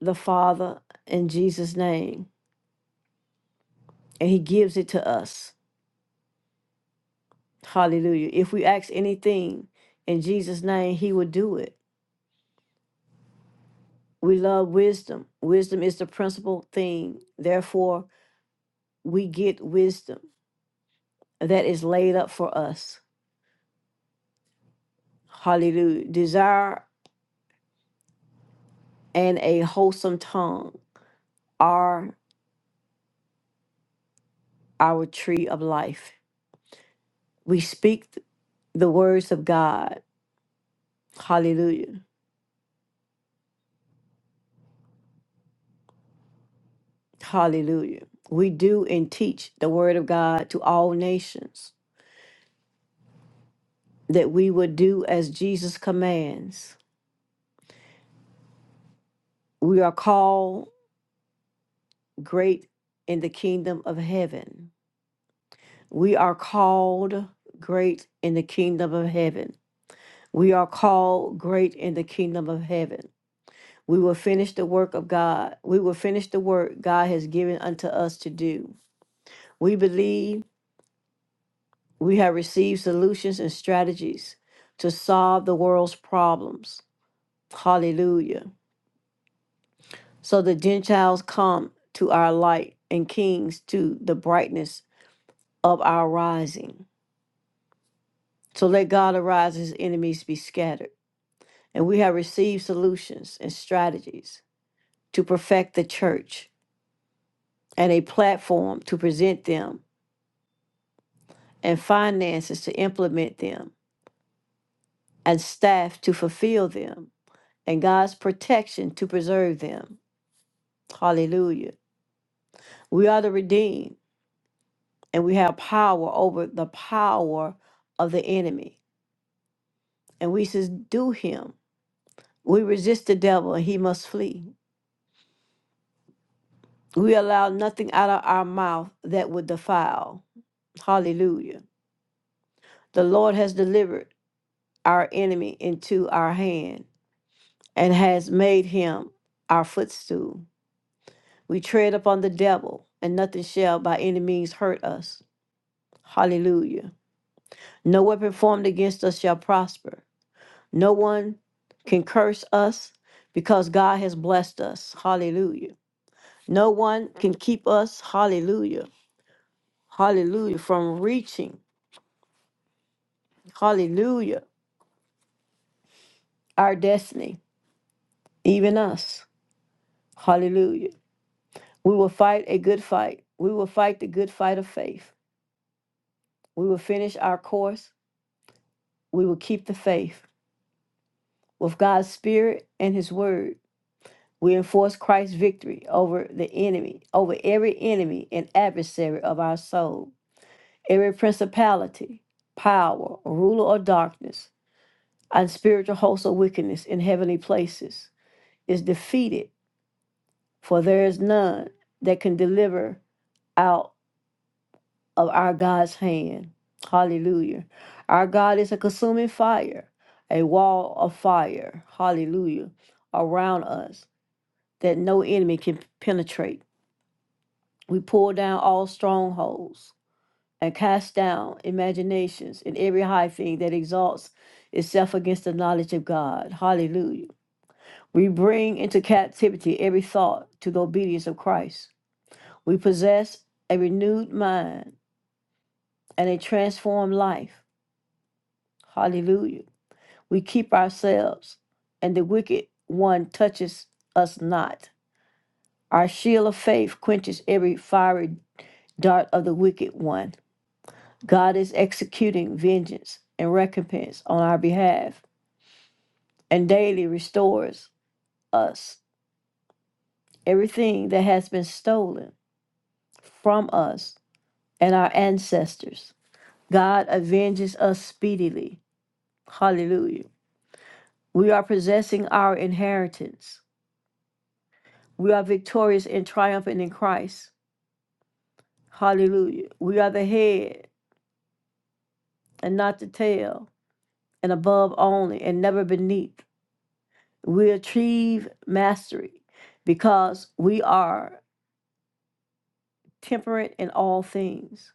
Speaker 2: the Father in Jesus' name, and He gives it to us. Hallelujah. If we ask anything in Jesus' name, He will do it. We love wisdom. Wisdom is the principal thing. Therefore, we get wisdom. that is laid up for us. Hallelujah. Desire and a wholesome tongue are our tree of life. We speak th- the words of God. Hallelujah. Hallelujah. We do and teach the word of God to all nations that we would do as Jesus commands. We are called great in the kingdom of heaven. We are called great in the kingdom of heaven. We are called great in the kingdom of heaven. We will finish the work of God. We will finish the work God has given unto us to do. We believe we have received solutions and strategies to solve the world's problems. Hallelujah. So the Gentiles come to our light and kings to the brightness of our rising. So let God arise, his enemies be scattered. And we have received solutions and strategies to perfect the church and a platform to present them, and finances to implement them, and staff to fulfill them, and God's protection to preserve them. Hallelujah. We are the redeemed, and we have power over the power of the enemy, and we subdue him. We resist the devil, and he must flee. We allow nothing out of our mouth that would defile. Hallelujah. The Lord has delivered our enemy into our hand and has made him our footstool. We tread upon the devil, and nothing shall by any means hurt us. Hallelujah. No weapon formed against us shall prosper. No one can curse us because God has blessed us. Hallelujah. No one can keep us. Hallelujah. Hallelujah. From reaching. Hallelujah. Our destiny, even us. Hallelujah. We will fight a good fight. We will fight the good fight of faith. We will finish our course. We will keep the faith. With God's Spirit and His Word, we enforce Christ's victory over the enemy, over every enemy and adversary of our soul, every principality, power, ruler of darkness, and spiritual hosts of wickedness in heavenly places is defeated, for there is none that can deliver out of our God's hand. Hallelujah. Our God is a consuming fire, a wall of fire. Hallelujah. Around us that no enemy can penetrate. We pull down all strongholds and cast down imaginations and every high thing that exalts itself against the knowledge of God. Hallelujah. We bring into captivity every thought to the obedience of Christ. We possess a renewed mind and a transformed life. Hallelujah. we keep ourselves, and the wicked one touches us not. Our shield of faith quenches every fiery dart of the wicked one. God is executing vengeance and recompense on our behalf and daily restores us everything that has been stolen from us and our ancestors. God avenges us speedily. Hallelujah. We are possessing our inheritance. We are victorious and triumphant in Christ. Hallelujah. We are the head and not the tail, and above only and never beneath. We achieve mastery because we are temperate in all things.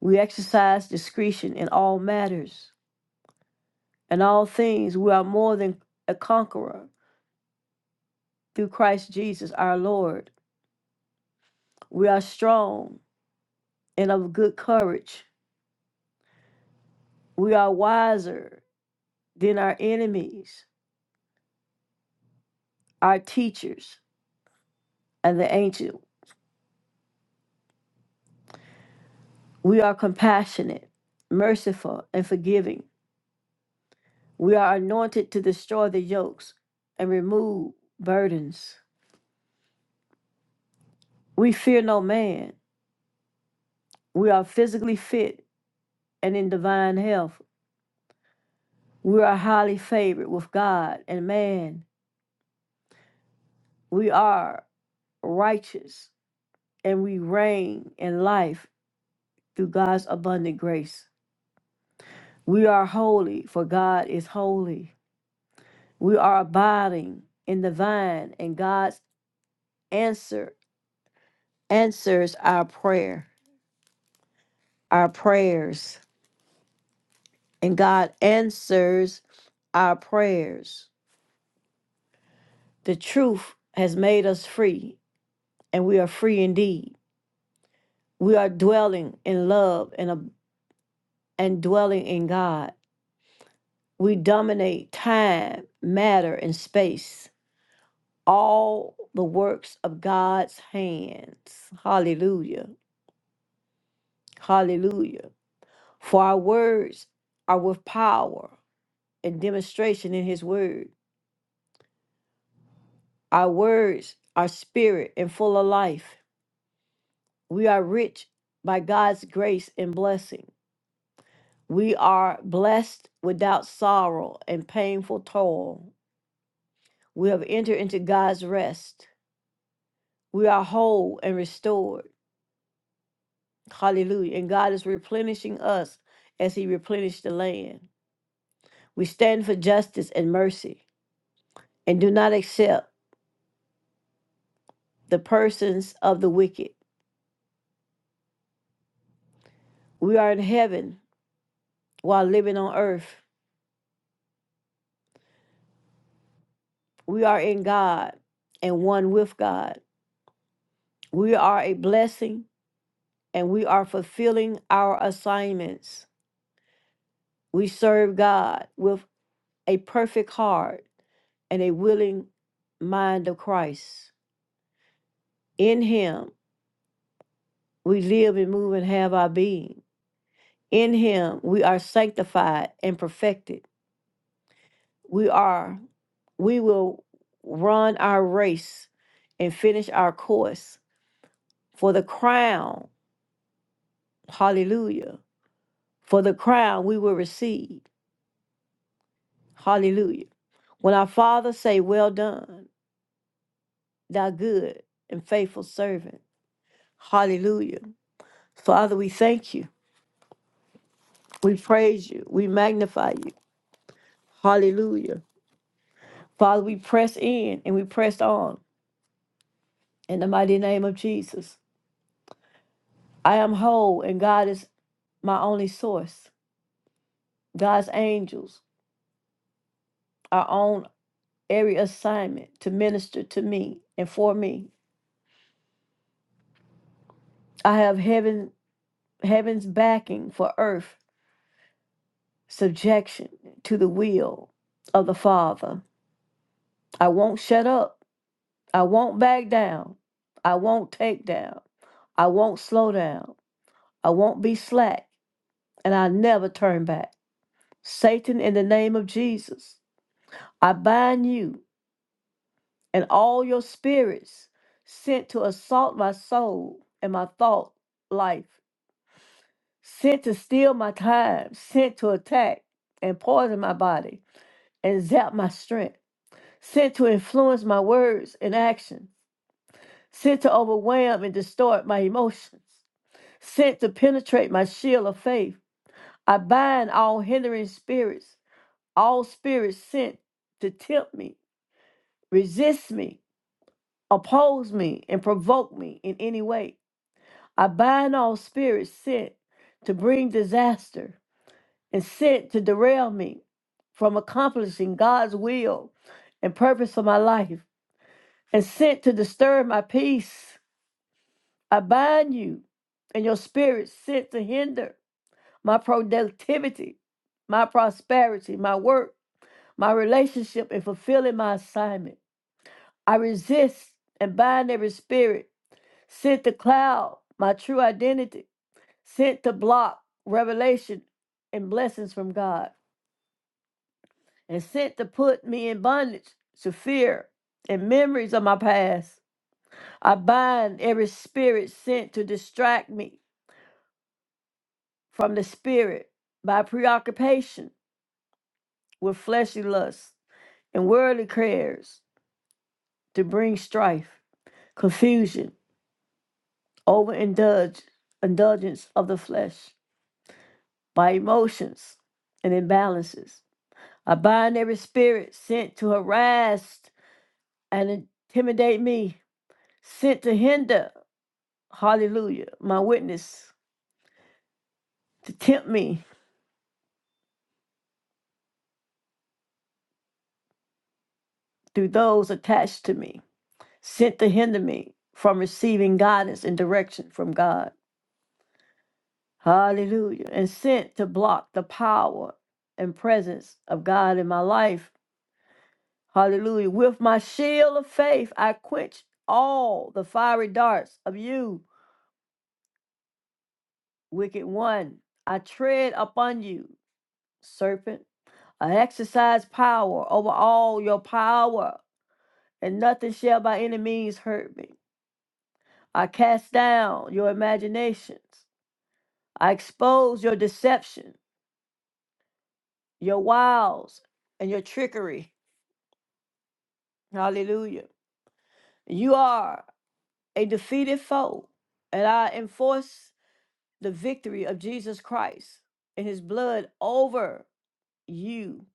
Speaker 2: We exercise discretion in all matters. In all things, we are more than a conqueror through Christ Jesus our Lord. We are strong and of good courage. We are wiser than our enemies, our teachers, and the ancient We are compassionate, merciful, and forgiving. We are anointed to destroy the yokes and remove burdens. We fear no man. We are physically fit and in divine health. We are highly favored with God and man. We are righteous and we reign in life through God's abundant grace. We are holy, for God is holy. We are abiding in the vine and God's answer answers our prayer, our prayers, and God answers our prayers. The truth has made us free, and we are free indeed. We are dwelling in love and ab- and dwelling in God. We dominate time, matter, and space. All the works of God's hands. Hallelujah. Hallelujah. For our words are with power and demonstration in his word. Our words are spirit and full of life. We are rich by God's grace and blessing. We are blessed without sorrow and painful toil. We have entered into God's rest. We are whole and restored. Hallelujah. And God is replenishing us as He replenished the land. We stand for justice and mercy and do not accept the persons of the wicked. We are in heaven while living on earth. We are in God and one with God. We are a blessing and we are fulfilling our assignments. We serve God with a perfect heart and a willing mind of Christ. In Him, we live and move and have our being. In Him, we are sanctified and perfected. We are, we will run our race and finish our course for the crown. Hallelujah for the crown we will receive. Hallelujah. When our Father say, Well done, thou good and faithful servant. Hallelujah. Father, we thank you. We praise you. We magnify you. Hallelujah. Father, we press in and we press on in the mighty name of Jesus. I am whole and God is my only source. God's angels are on every assignment to minister to me and for me. I have heaven heaven's backing for earth subjection to the will of the Father. I won't shut up. I won't back down. I won't take down. I won't slow down. I won't be slack. And I never turn back. Satan, in the name of Jesus, I bind you and all your spirits sent to assault my soul and my thought life, sent to steal my time, sent to attack and poison my body. and zap my strength, sent to influence my words and actions, sent to overwhelm and distort my emotions, sent to penetrate my shield of faith. I bind all hindering spirits, all spirits sent to tempt me, resist me, oppose me, and provoke me in any way. I bind all spirits sent to bring disaster and sent to derail me from accomplishing God's will and purpose for my life. and sent to disturb my peace. I bind you and your spirit sent to hinder my productivity, my prosperity, my work, my relationship, and fulfilling my assignment. I resist and bind every spirit sent to cloud my true identity, sent to block revelation and blessings from God, and sent to put me in bondage to fear and memories of my past. I bind every spirit sent to distract me from the spirit by preoccupation with fleshly lusts and worldly cares to bring strife, confusion, overindulge indulgence of the flesh by emotions and imbalances. I bind every spirit sent to harass and intimidate me, sent to hinder, hallelujah, my witness, to tempt me through those attached to me. sent to hinder me from receiving guidance and direction from God. Hallelujah. And sent to block the power and presence of God in my life. Hallelujah. With my shield of faith, I quench all the fiery darts of you, wicked one. I tread upon you, serpent. I exercise power over all your power, and nothing shall by any means hurt me. I cast down your imaginations I expose your deception, your wiles, and your trickery. Hallelujah. You are a defeated foe, and I enforce the victory of Jesus Christ and his blood over you.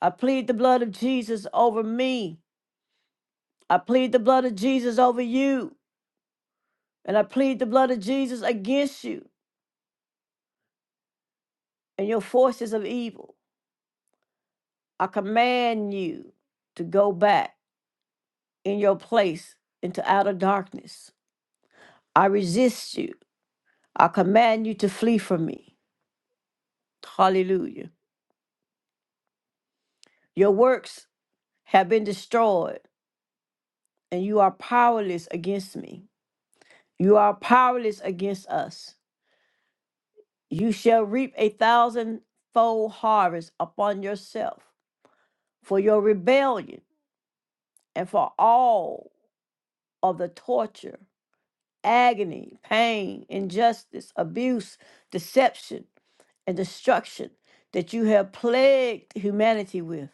Speaker 2: I plead the blood of Jesus over me. I plead the blood of Jesus over you, and I plead the blood of Jesus against you and your forces of evil. I command you to go back in your place into outer darkness. I resist you. I command you to flee from me. Hallelujah. Your works have been destroyed, and you are powerless against me. You are powerless against us. You shall reap a thousandfold harvest upon yourself for your rebellion and for all of the torture, agony, pain, injustice, abuse, deception, and destruction that you have plagued humanity with.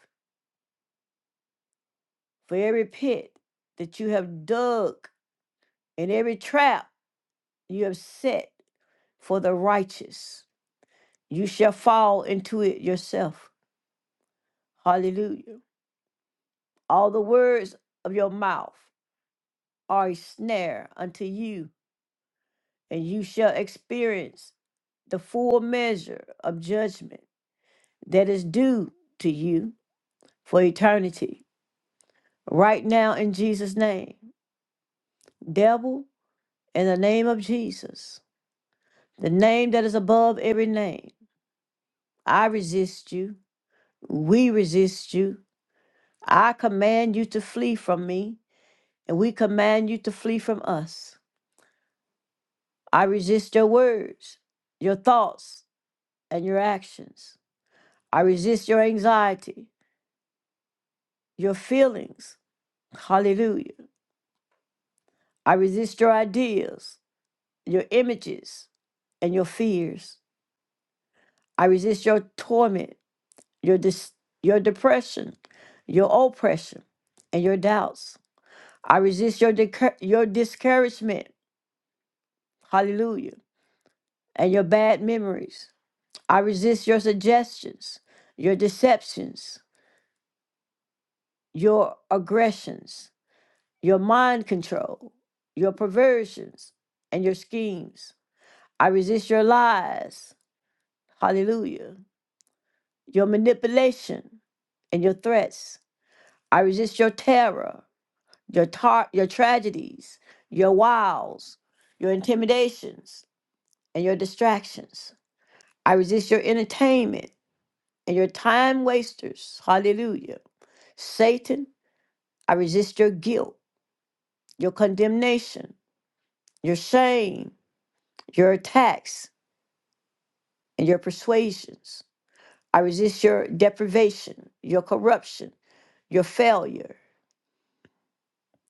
Speaker 2: for every pit that you have dug and every trap you have set for the righteous. You shall fall into it yourself. Hallelujah. All the words of your mouth are a snare unto you, and you shall experience the full measure of judgment that is due to you for eternity. Right now, in Jesus' name, devil, in the name of Jesus, the name that is above every name. I resist you. We resist you. I command you to flee from me, and we command you to flee from us. I resist your words, your thoughts, and your actions. I resist your anxiety, your feelings. Hallelujah. I resist your ideas, your images, and your fears. I resist your torment, your, dis- your depression, your oppression, and your doubts. I resist your, decour- your discouragement. Hallelujah. And your bad memories. I resist your suggestions, your deceptions, your aggressions, your mind control, your perversions, and your schemes. I resist your lies. Hallelujah. Your manipulation and your threats. I resist your terror, your tar- your tragedies, your wiles, your intimidations, and your distractions. I resist your entertainment and your time wasters. Hallelujah. Satan, I resist your guilt, your condemnation, your shame, your attacks, and your persuasions. I resist your deprivation, your corruption, your failure,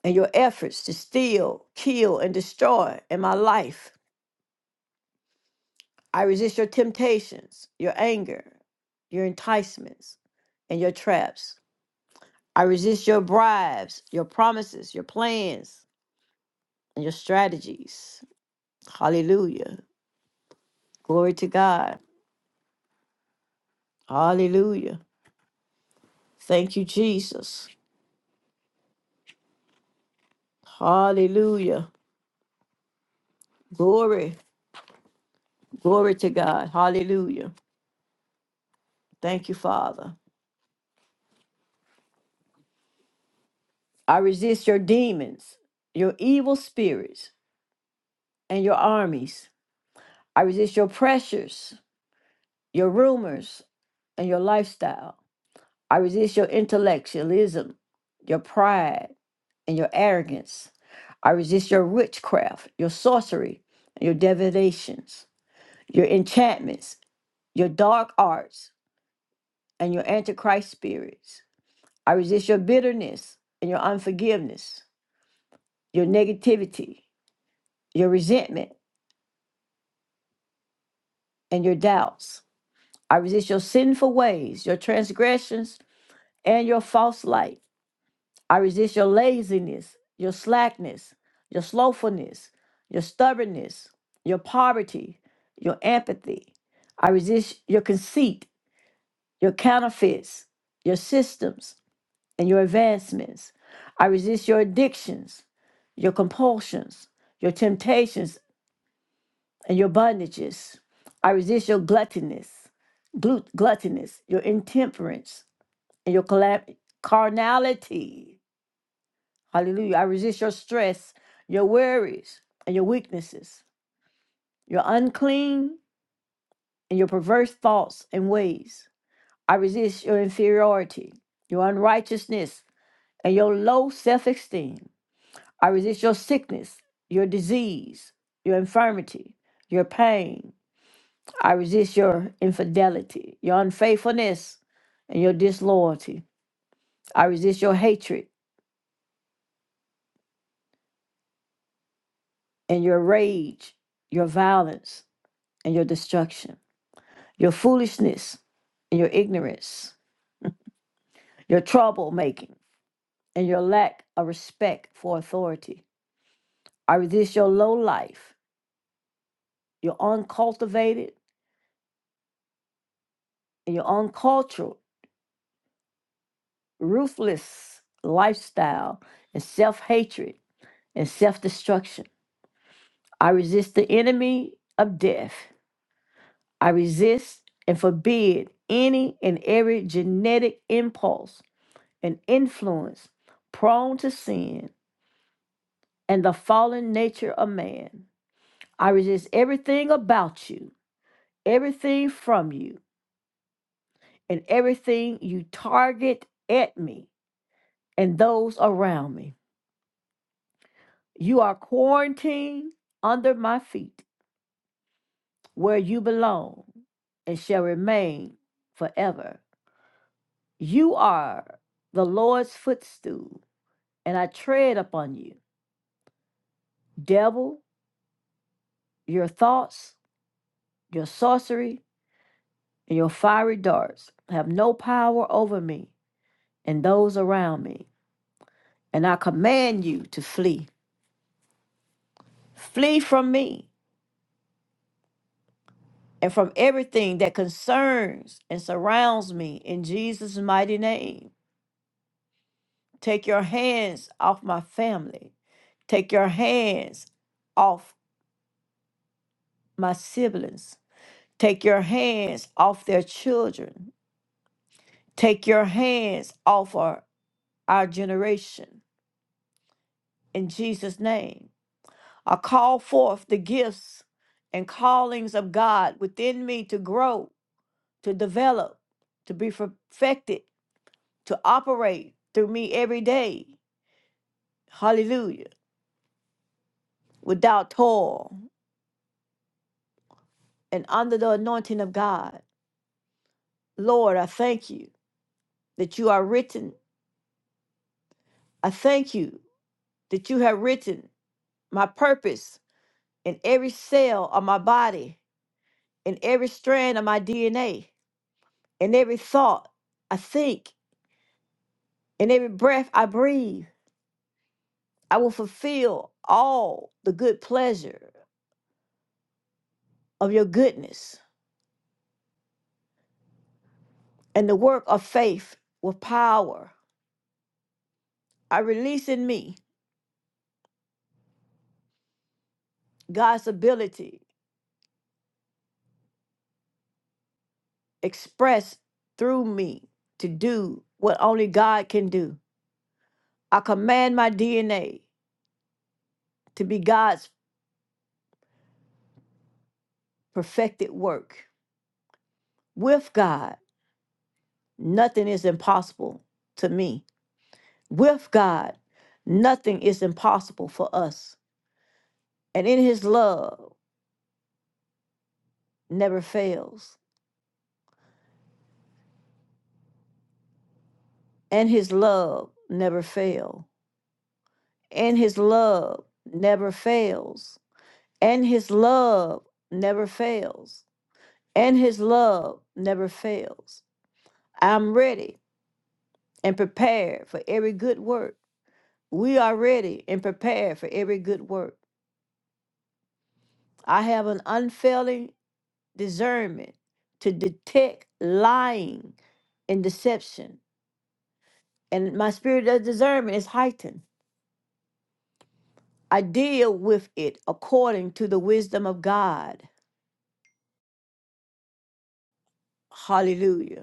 Speaker 2: and your efforts to steal, kill, and destroy in my life. I resist your temptations, your anger, your enticements, and your traps. I resist your bribes, your promises, your plans. and your strategies. Hallelujah. Glory to God. Hallelujah. Thank you, Jesus. Hallelujah. Glory. Glory to God. Hallelujah. Thank you, Father. I resist your demons, your evil spirits, and your armies. I resist your pressures, your rumors, and your lifestyle. I resist your intellectualism, your pride. and your arrogance. I resist your witchcraft, your sorcery, and your divinations, your enchantments, your dark arts, and your antichrist spirits. I resist your bitterness and your unforgiveness, your negativity, your resentment, and your doubts. I resist your sinful ways, your transgressions, and your false light. I resist your laziness, your slackness, your slothfulness, your stubbornness, your poverty, your apathy. I resist your conceit, your counterfeits, your systems, and your advancements. I resist your addictions, your compulsions, your temptations, and your bondages. I resist your gluttonous, glut- gluttonous, your intemperance, and your collab- carnality. Hallelujah. I resist your stress, your worries, and your weaknesses, your unclean and your perverse thoughts and ways. I resist your inferiority, your unrighteousness, and your low self esteem. I resist your sickness, your disease, your infirmity, your pain. I resist your infidelity, your unfaithfulness, and your disloyalty. I resist your hatred and your rage, your violence, and your destruction. your foolishness and your ignorance, your troublemaking and your lack of respect for authority. I resist your low life, your uncultivated and your uncultured, ruthless lifestyle and self hatred and self destruction. I resist the enemy of death. I resist and forbid any and every genetic impulse and influence prone to sin and the fallen nature of man. I resist everything about you, everything from you, and everything you target at me and those around me. You are quarantined under my feet where you belong and shall remain forever. You are the Lord's footstool, and I tread upon you. Devil, your thoughts, your sorcery, and your fiery darts have no power over me and those around me. And I command you to flee. Flee from me and from everything that concerns and surrounds me in Jesus' mighty name. Take your hands off my family. Take your hands off my siblings. Take your hands off their children. Take your hands off our, our generation in Jesus' name. I call forth the gifts and callings of God within me to grow to develop, to be perfected, to operate through me every day. Hallelujah. Without toil and under the anointing of God. Lord, I thank you that you are written. I thank you that you have written my purpose in every cell of my body, in every strand of my DNA, in every thought I think, in every breath I breathe. I will fulfill all the good pleasure of your goodness and the work of faith with power. I release in me God's ability expressed through me to do what only God can do. I command my DNA to be God's perfected work. With God, nothing is impossible to me. With God, nothing is impossible for us. And in his love never fails. And his love never fails. and his love never fails and his love never fails and his love never fails i'm ready and prepared for every good work we are ready and prepared for every good work i have an unfailing discernment to detect lying and deception and my spirit of discernment is heightened i deal with it according to the wisdom of god hallelujah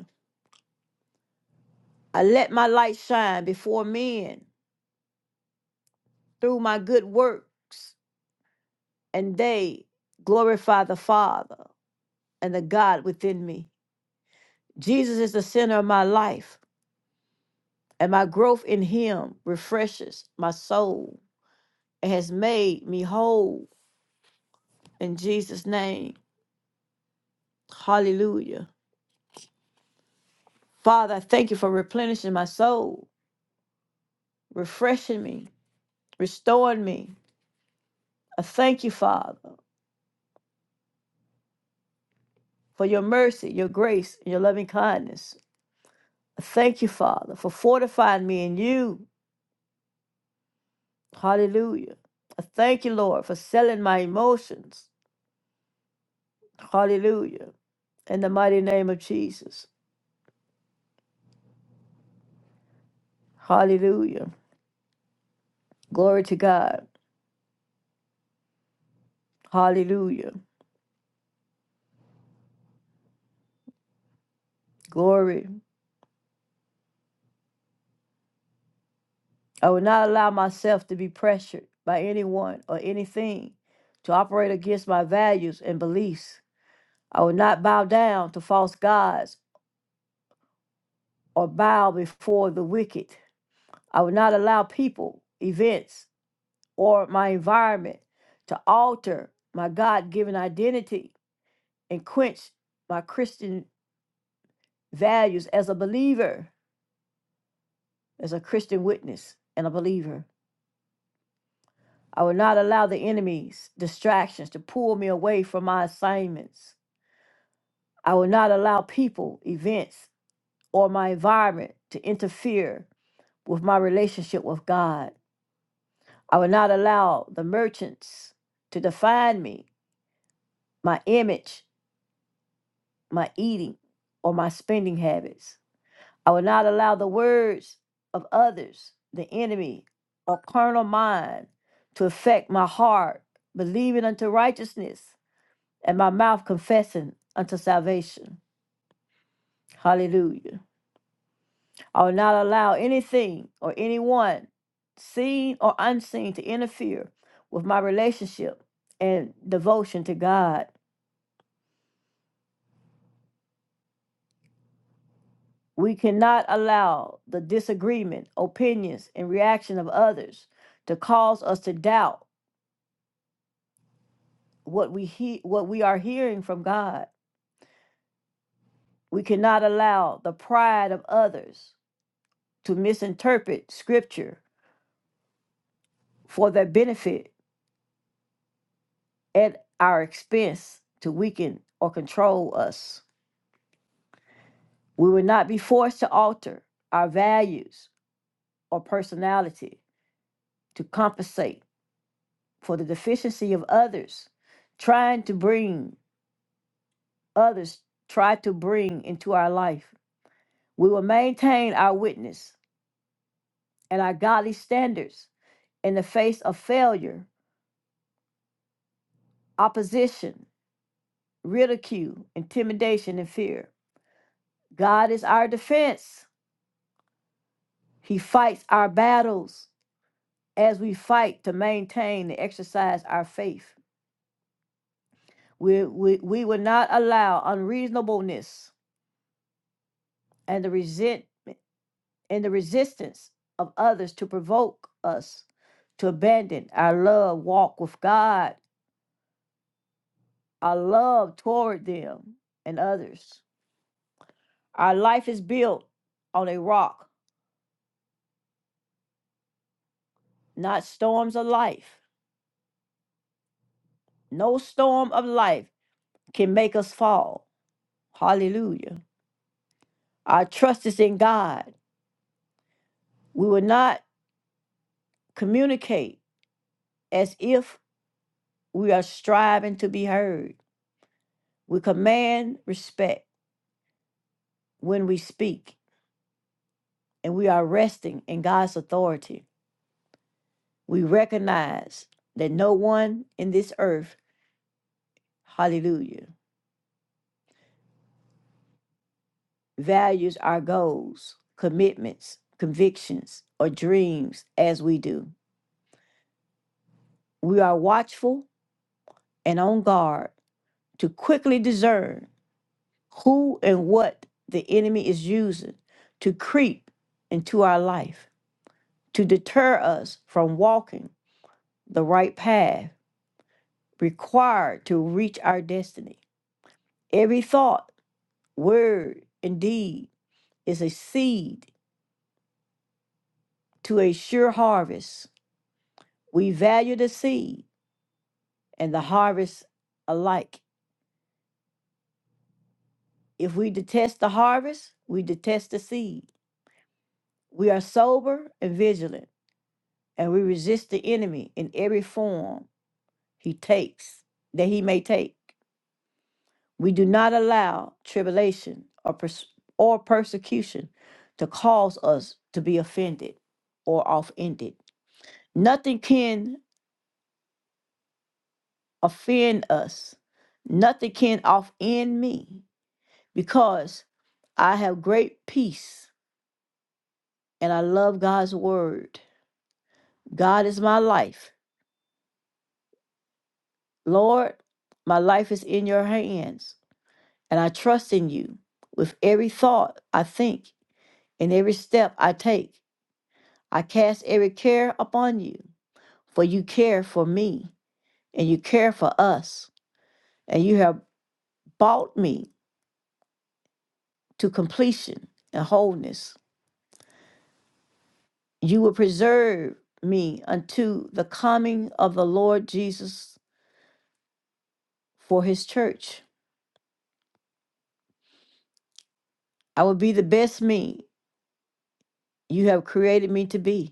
Speaker 2: I let my light shine before men through my good works, and they glorify the Father and the God within me. Jesus is the center of my life, and my growth in Him refreshes my soul and has made me whole in Jesus' name. Hallelujah. Father, I thank you for replenishing my soul, refreshing me, restoring me. I thank you, Father, for your mercy, your grace, and your loving kindness. Thank you, Father, for fortifying me in you. Hallelujah. I Thank you, Lord, for selling my emotions. Hallelujah. In the mighty name of Jesus. Hallelujah. Glory to God. Hallelujah. Glory. I will not allow myself to be pressured by anyone or anything to operate against my values and beliefs. I will not bow down to false gods or bow before the wicked. I will not allow people, events, or my environment to alter my God given identity and quench my Christian values as a believer, as a Christian witness and a believer. I will not allow the enemy's distractions to pull me away from my assignments. I will not allow people, events, or my environment to interfere with my relationship with God. I will not allow the merchants to define me, my image, my eating or my spending habits. I will not allow the words of others, the enemy, or carnal mind to affect my heart, believing unto righteousness, and my mouth confessing unto salvation. Hallelujah. I will not allow anything or anyone, seen or unseen, to interfere with my relationship and devotion to God. We cannot allow the disagreement, opinions, and reaction of others to cause us to doubt what we he- what we are hearing from God. We cannot allow the pride of others to misinterpret scripture for their benefit at our expense to weaken or control us. We will not be forced to alter our values or personality to compensate for the deficiency of others trying to bring others try to bring into our life. We will maintain our witness and our godly standards in the face of failure, opposition, ridicule, intimidation, and fear. God is our defense. He fights our battles as we fight to maintain and exercise our faith. We, we, we will not allow unreasonableness and the resentment and the resistance of others to provoke us to abandon our love walk with God, our love toward them and others. Our life is built on a rock, not storms of life. No storm of life can make us fall. Hallelujah. Our trust is in God. We will not communicate as if we are striving to be heard. We command respect when we speak and we are resting in God's authority. We recognize that no one in this earth, hallelujah, values our goals, commitments, convictions, or dreams as we do. We are watchful and on guard to quickly discern who and what the enemy is using to creep into our life, to deter us from walking the right path required to reach our destiny. Every thought, Word, indeed, is a seed to a sure harvest. We value the seed and the harvest alike. If we detest the harvest, we detest the seed. We are sober and vigilant, and we resist the enemy in every form he takes, that he may take. We do not allow tribulation or, pers- or persecution to cause us to be offended or offended. Nothing can offend us. Nothing can offend me because I have great peace and I love God's word. God is my life. Lord, my life is in your hands and I trust in you. With every thought I think and every step I take, I cast every care upon you, for you care for me and you care for us, and you have brought me to completion and wholeness. You will preserve me unto the coming of the Lord Jesus for his church. I will be the best me you have created me to be,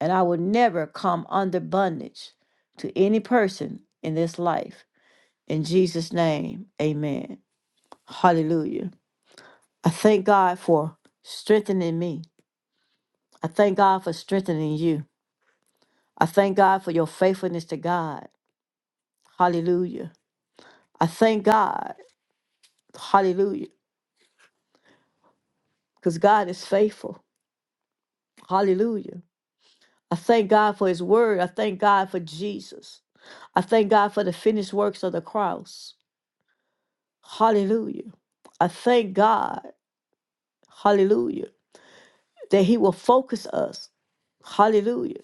Speaker 2: and I will never come under bondage to any person in this life. In Jesus' name, amen. Hallelujah. I thank God for strengthening me. I thank God for strengthening you. I thank God for your faithfulness to God. Hallelujah. I thank God. Hallelujah. Because God is faithful. Hallelujah. I thank God for his word. I thank God for Jesus. I thank God for the finished works of the cross. Hallelujah. I thank God. Hallelujah. That he will focus us. Hallelujah.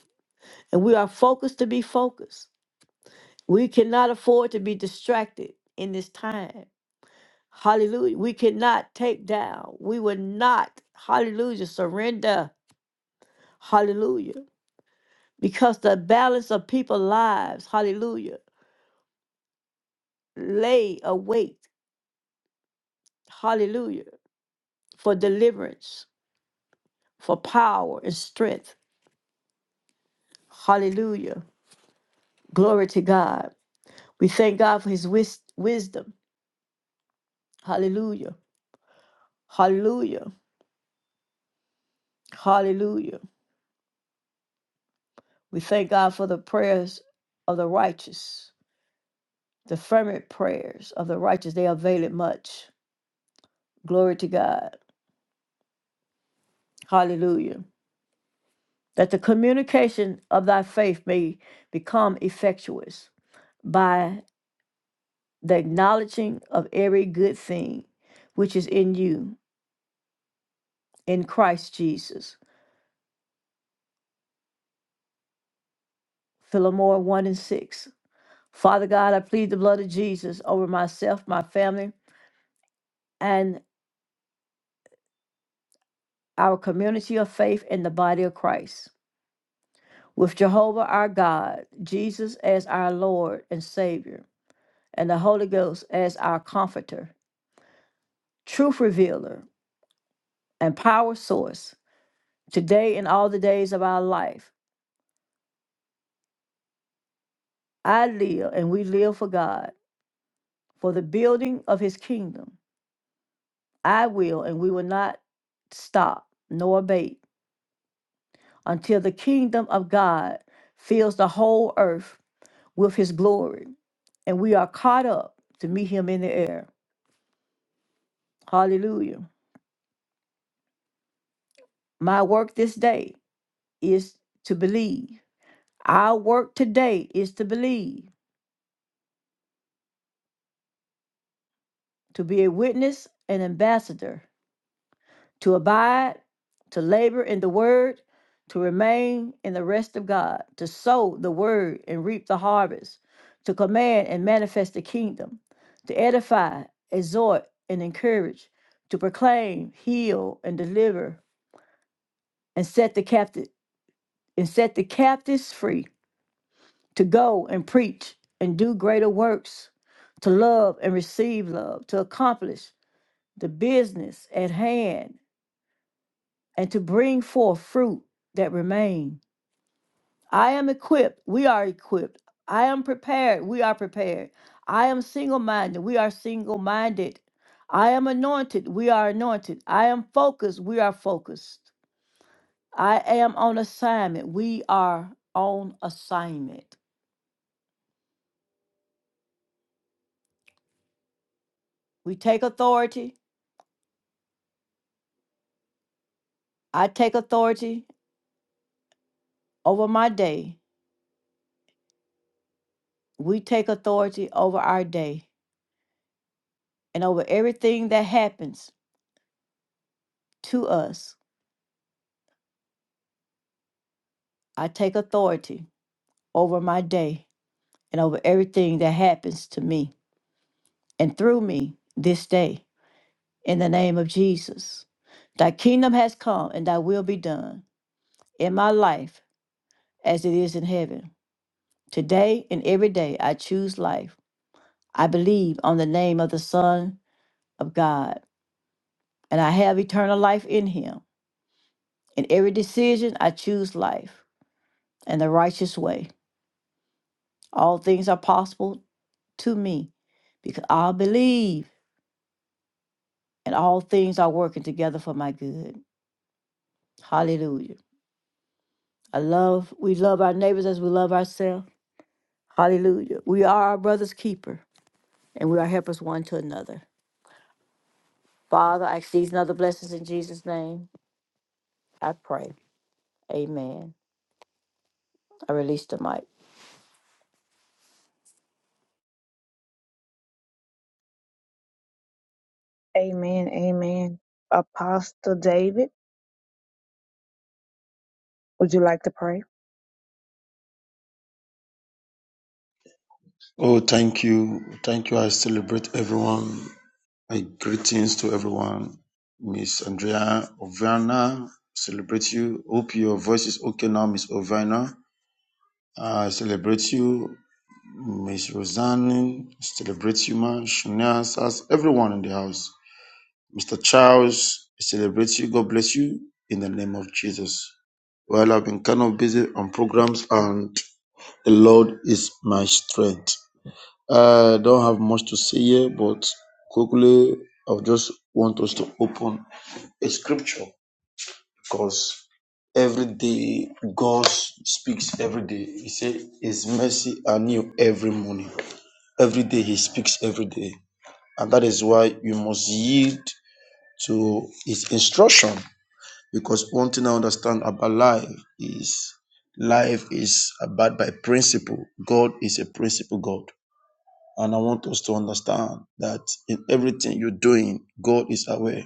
Speaker 2: And we are focused to be focused. We cannot afford to be distracted in this time. Hallelujah. We cannot take down. We will not. Hallelujah. Surrender. Hallelujah. Because the balance of people's lives, hallelujah lay await, hallelujah, for deliverance, for power and strength, hallelujah. Glory to God. We thank God for his wis- wisdom, hallelujah, hallelujah, hallelujah. We thank God for the prayers of the righteous, the fervent prayers of the righteous, they avail it much. Glory to God, hallelujah. That the communication of thy faith may become effectuous by the acknowledging of every good thing which is in you in Christ Jesus. Philemon 1 and 6. Father God, I plead the blood of Jesus over myself, my family, and our community of faith in the body of Christ. With Jehovah our God, Jesus as our Lord and Savior, and the Holy Ghost as our Comforter, truth revealer, and power source, today and all the days of our life, I live and we live for God for the building of his kingdom. I will, and we will not stop nor abate until the kingdom of God fills the whole earth with his glory, and we are caught up to meet him in the air. Hallelujah. My work this day is to believe. Our work today is to believe, to be a witness and ambassador to abide, to labor in the word, to remain in the rest of God, to sow the word and reap the harvest, to command and manifest the kingdom, to edify, exhort, and encourage, to proclaim, heal, and deliver, and set the captive and set the captives free, to go and preach and do greater works, to love and receive love, to accomplish the business at hand and to bring forth fruit that remain. I am equipped. We are equipped. I am prepared. We are prepared. I am single minded. We are single minded. I am anointed. We are anointed. I am focused. We are focused. I am on assignment. We are on assignment. We take authority. I take authority over my day. We take authority over our day and over everything that happens to us. I take authority. over my day and over everything that happens to me and through me this day in the name of Jesus. Thy kingdom has come and thy will be done in my life as it is in heaven. Today and every day I choose life. I believe on the name of the Son of God and I have eternal life in him. In every decision I choose life and the righteous way. All things are possible to me because I believe and all things are working together for my good. Hallelujah. I love, we love our neighbors as we love ourselves. Hallelujah. We are our brother's keeper and we are helpers one to another. Father, I ask these and other blessings in Jesus' name. I pray. Amen. I release the mic.
Speaker 1: Amen. Amen. Apostle David, would you like to pray?
Speaker 3: Oh, thank you. Thank you. I celebrate everyone. My greetings to everyone. Miss Andrea Ovana, celebrate you. Hope your voice is okay now, Miss Ovana. I celebrate you. Miss Rosanne, celebrate you, man. Shania, Sas, everyone in the house. Mr. Charles, celebrate you. God bless you in the name of Jesus. Well, I've been kind of busy on programs, and the Lord is my strength. I don't have much to say here, but quickly, I just want us to open a scripture because every day God speaks every day. He said His mercy are new every morning. Every day He speaks every day. And that is why you must yield to His instruction because one thing I understand about life is life is about by principle. God is a principle God. And I want us to understand that in everything you're doing, God is aware.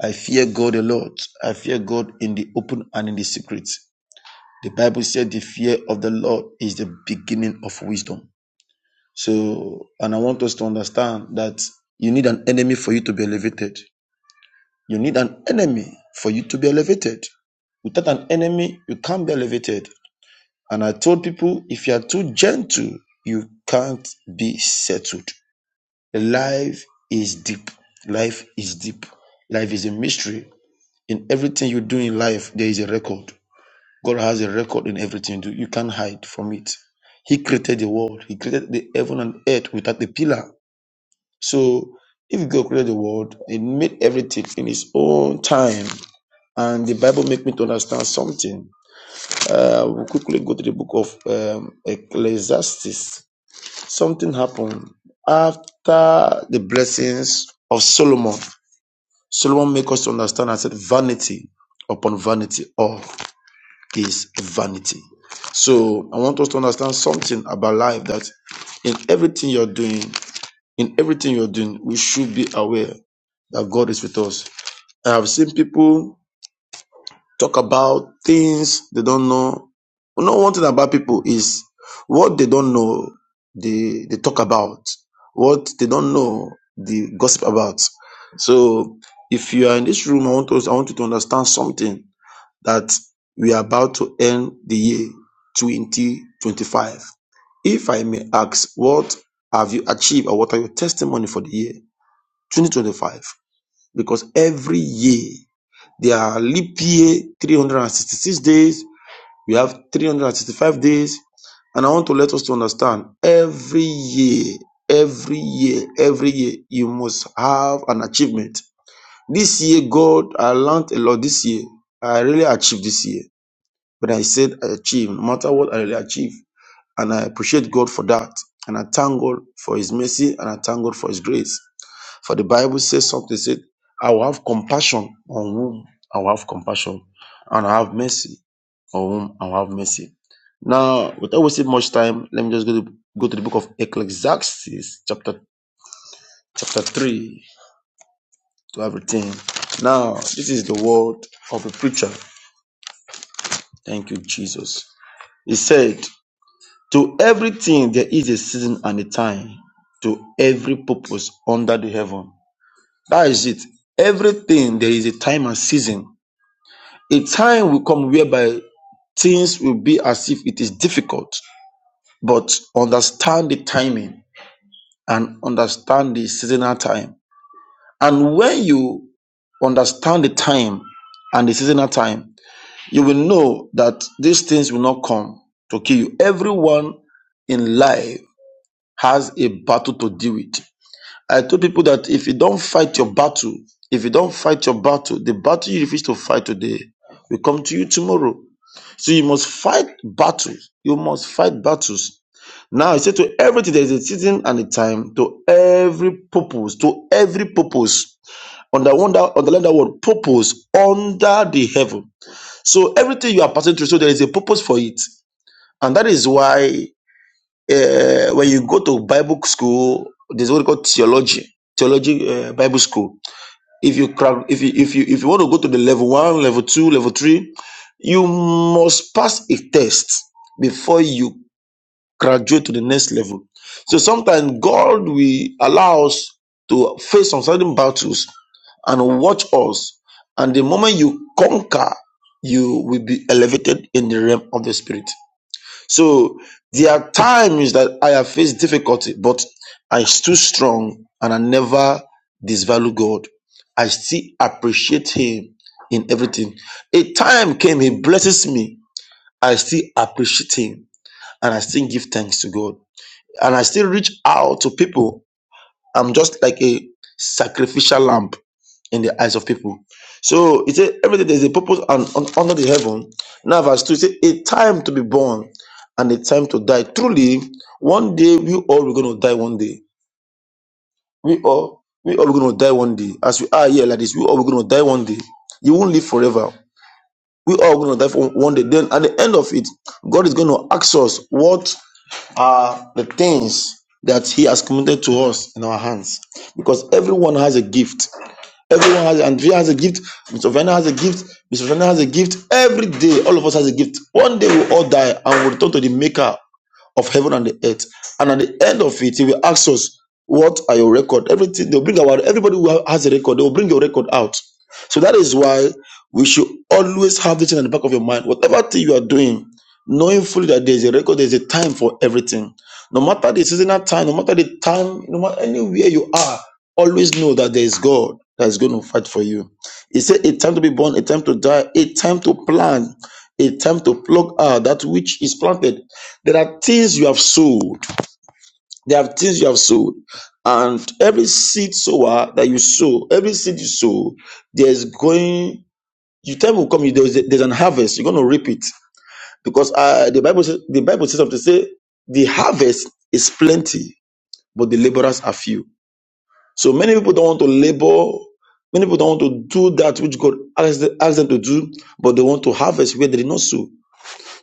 Speaker 3: I fear God a lot. I fear God in the open and in the secret. The Bible said the fear of the Lord is the beginning of wisdom. So, and I want us to understand that you need an enemy for you to be elevated. You need an enemy for you to be elevated. Without an enemy, you can't be elevated. And I told people if you are too gentle, you can't be settled. Life is deep. Life is deep. Life is a mystery. In everything you do in life, there is a record. God has a record in everything you do. You can't hide from it. He created the world. He created the heaven and earth without a pillar. So if God created the world He made everything in his own time, and the Bible make me to understand something. Uh, we'll quickly go to the book of um, Ecclesiastes something happened after the blessings of Solomon. Solomon make us to understand and said, vanity upon vanity, all is vanity. So I want us to understand something about life that in everything you're doing, in everything you're doing, we should be aware that God is with us. I have seen people talk about things they don't know. You know, one thing about people is what they don't know, they they talk about. What they don't know, they gossip about. So if you are in this room, I want us, I want you to understand something that we are about to end the year 2025. If I may ask, what have you achieved or what are your testimony for the year 2025? Because every year there are leap year 366 days. We have 365 days. And I want to let us to understand every year, every year, every year, you must have an achievement. This year, God, I learned a lot this year. I really achieved this year. But I said I achieved, no matter what, I really achieved. And I appreciate God for that. And I thank God for His mercy and I thank God for His grace. For the Bible says something, said, I will have compassion on whom I will have compassion, and I have mercy on whom I will have mercy. Now, without wasting much time, let me just go to, go to the book of Ecclesiastes, chapter chapter 3 to everything. Now, this is the word of a preacher. Thank you, Jesus. He said, To everything there is a season and a time, to every purpose under the heaven. That is it. Everything there is a time and season A time will come whereby things will be as if it is difficult, but understand the timing and understand the seasonal time. And when you understand the time and the seasonal time, you will know that these things will not come to kill you. Everyone in life has a battle to deal with. I told people that if you don't fight your battle, if you don't fight your battle, the battle you refuse to fight today will come to you tomorrow. So you must fight battles. You must fight battles. Now he said to everything there is a season and a time to every purpose, to every purpose. On the wonder, on the land that word purpose under the heaven. So everything you are passing through, so there is a purpose for it, and that is why uh, when you go to Bible school, there's what we call theology, theology uh, Bible school if you cra- if you if you if you want to go to the level one level two level three you must pass a test before you graduate to the next level so sometimes god will allow us to face some certain battles and watch us and the moment you conquer you will be elevated in the realm of the spirit so there are times that I have faced difficulty, but I stood strong and I never disvalue God. I still appreciate Him in everything. A time came, He blesses me. I still appreciate Him and I still give thanks to God. And I still reach out to people I'm just like a sacrificial lamb in the eyes of people. So it says everything there's a purpose and un- under the heaven. Now verse 2 it says a time to be born and a time to die. Truly, one day we all are gonna die one day. We all we all gonna die one day. As we are here like this, we all are gonna die one day. You won't live forever. We all gonna die for one day. Then at the end of it, God is gonna ask us what are the things that He has committed to us in our hands. Because everyone has a gift. Everyone has Andrea has a gift, Miss Vena has a gift, Miss Vena has a gift. Every day, all of us has a gift. One day we all die and we return to the maker of heaven and the earth. And at the end of it, he will ask us, What are your record? Everything they'll bring our everybody who has a record, they will bring your record out. So that is why we should always have this thing in the back of your mind. Whatever thing you are doing, knowing fully that there's a record, there's a time for everything. No matter the seasonal time, no matter the time, no matter anywhere you are, always know that there is God that is going to fight for you. He said, A time to be born, a time to die, a time to plan, a time to pluck out that which is planted there are things you have sowed. There are things you have sowed. And every seed sower that you sow, every seed you sow, there's going, you time will come, you- there's, there's an harvest. You're going to reap it. Because uh, the Bible says, the Bible says something, say, the harvest is plenty, but the laborers are few. So many people don't want to labor. Many people don't want to do that which God asked them asked them to do, but they want to harvest where they did not sow.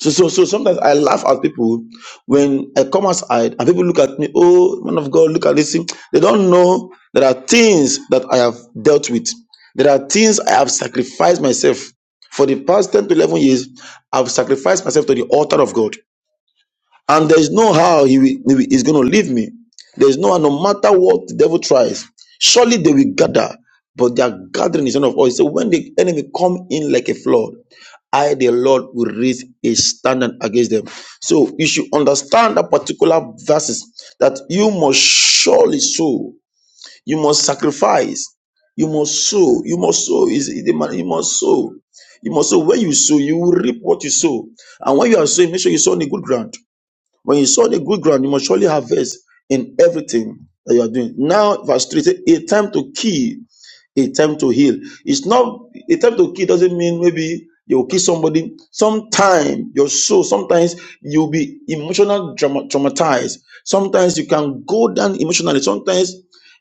Speaker 3: So, so, so sometimes I laugh at people when I come outside and people look at me, oh, man of God, look at this thing. They don't know there are things that I have dealt with. There are things I have sacrificed myself. For the past 10 to 11 years, I've sacrificed myself to the altar of God and there's no how he will, he will- going to leave me. There's no how, no matter what the devil tries, surely they will gather, but their gathering is not of us. So when the enemy come in like a flood, I, the Lord, will raise a standard against them. So you should understand that particular verses that you must surely sow, you must sacrifice, you must sow, you must sow. Is is the man? You must sow. You must sow. When you sow, you will reap what you sow. And when you are sowing, make sure you sow on the good ground when you sow the good ground, you must surely harvest in everything that you are doing. Now, verse 3 say, a time to kill, a time to heal. It's not a time to kill doesn't mean maybe you will kill somebody. Sometimes your soul, sometimes you'll be emotional drama, traumatized. Sometimes you can go down emotionally. Sometimes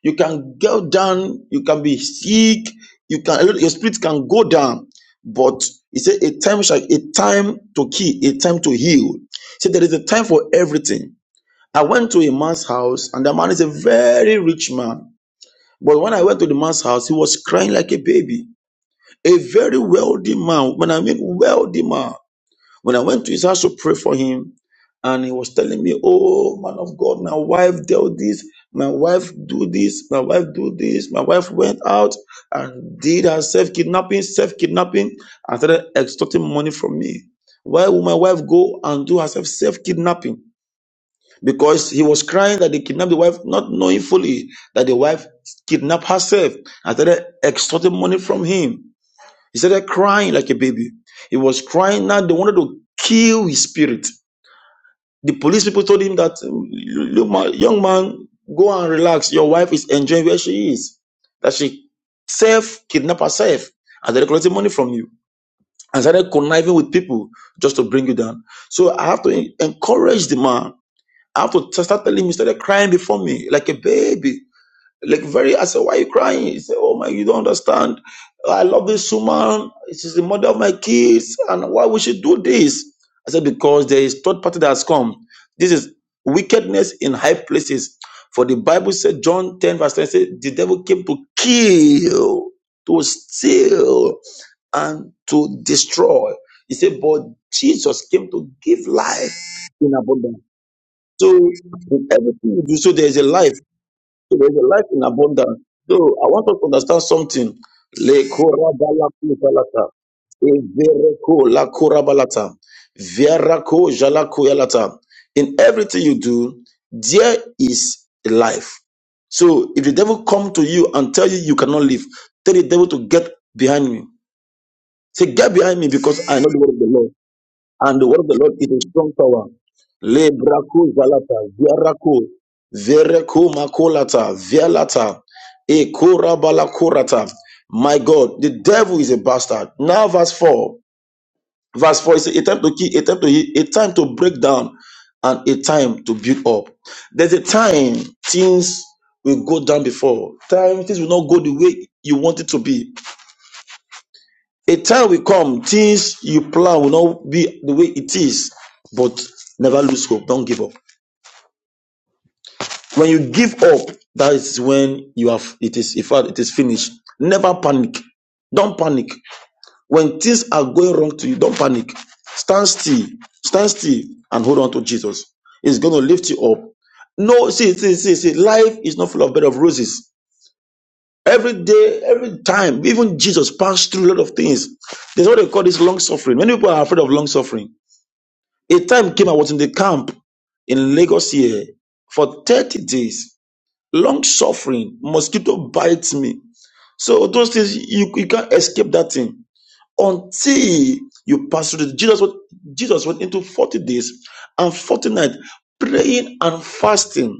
Speaker 3: you can go down, you can be sick, you can your spirit can go down. But he said, a time shall a time to kill, a time to heal. See, there is a time for everything. I went to a man's house, and the man is a very rich man. But when I went to the man's house, he was crying like a baby. A very wealthy man. When I mean wealthy man, when I went to his house to pray for him, and he was telling me, "Oh man of God, my wife dealt this. My wife do this. My wife do this. My wife went out and did herself kidnapping, self kidnapping, and started extorting money from me. Why would my wife go and do herself self kidnapping?" because he was crying that they kidnapped the wife, not knowing fully that the wife kidnapped herself and started extorting money from him. He started crying like a baby. He was crying now. They wanted to kill his spirit. The police people told him that, "Mm, you- young man, go and relax. Your wife is enjoying where she is. That she self kidnapped herself and they're collecting money from you and started conniving with people just to bring you down. So I have to encourage the man I have to t- start telling him, he started crying before me, like a baby. Like very, I said, why are you crying? He said, oh my, you don't understand. I love this woman. She's the mother of my kids. And why would she do this? I said, because there is third party that has come. This is wickedness in high places. For the Bible said, John 10 verse 10 said, the devil came to kill, to steal, and to destroy. He said, but Jesus came to give life in abundance.'" So in everything you do, so there is a life. So there is a life in abundance. So I want us to understand something. Le korabalaku balata. Evereko la korabalata. Verako jalako yalata. In everything you do, there is a life. So if the devil come to you and tell you you cannot live, tell the devil to get behind me. Say, get behind me because I know the word of the Lord. And the word of the Lord is a strong tower. Le braku zalata, viaraku, vereku makolata, vialata, e korabalakorata. My God, the devil is a bastard. Now, verse 4. Verse 4 is a time to kill, a time to hit, a time to break down, and a time to build up. There's a time things will go down before. Time things will not go the way you want it to be. A time will come, things you plan will not be the way it is, but never lose hope. Don't give up. When you give up, that is when you have it is in fact it is finished. Never panic. Don't panic. When things are going wrong to you, don't panic. Stand still. Stand still and hold on to Jesus. He's gonna lift you up. No, see, see, see, see, life is not full of bed of roses. Every day, every time, even Jesus passed through a lot of things. There's what they call this long suffering. Many people are afraid of long suffering A time came I was in the camp in Lagos here for 30 days. Long suffering, mosquito bites me. So those things you, you can't escape that thing until you pass through. it. Jesus went, Jesus went into 40 days and 40 nights praying and fasting.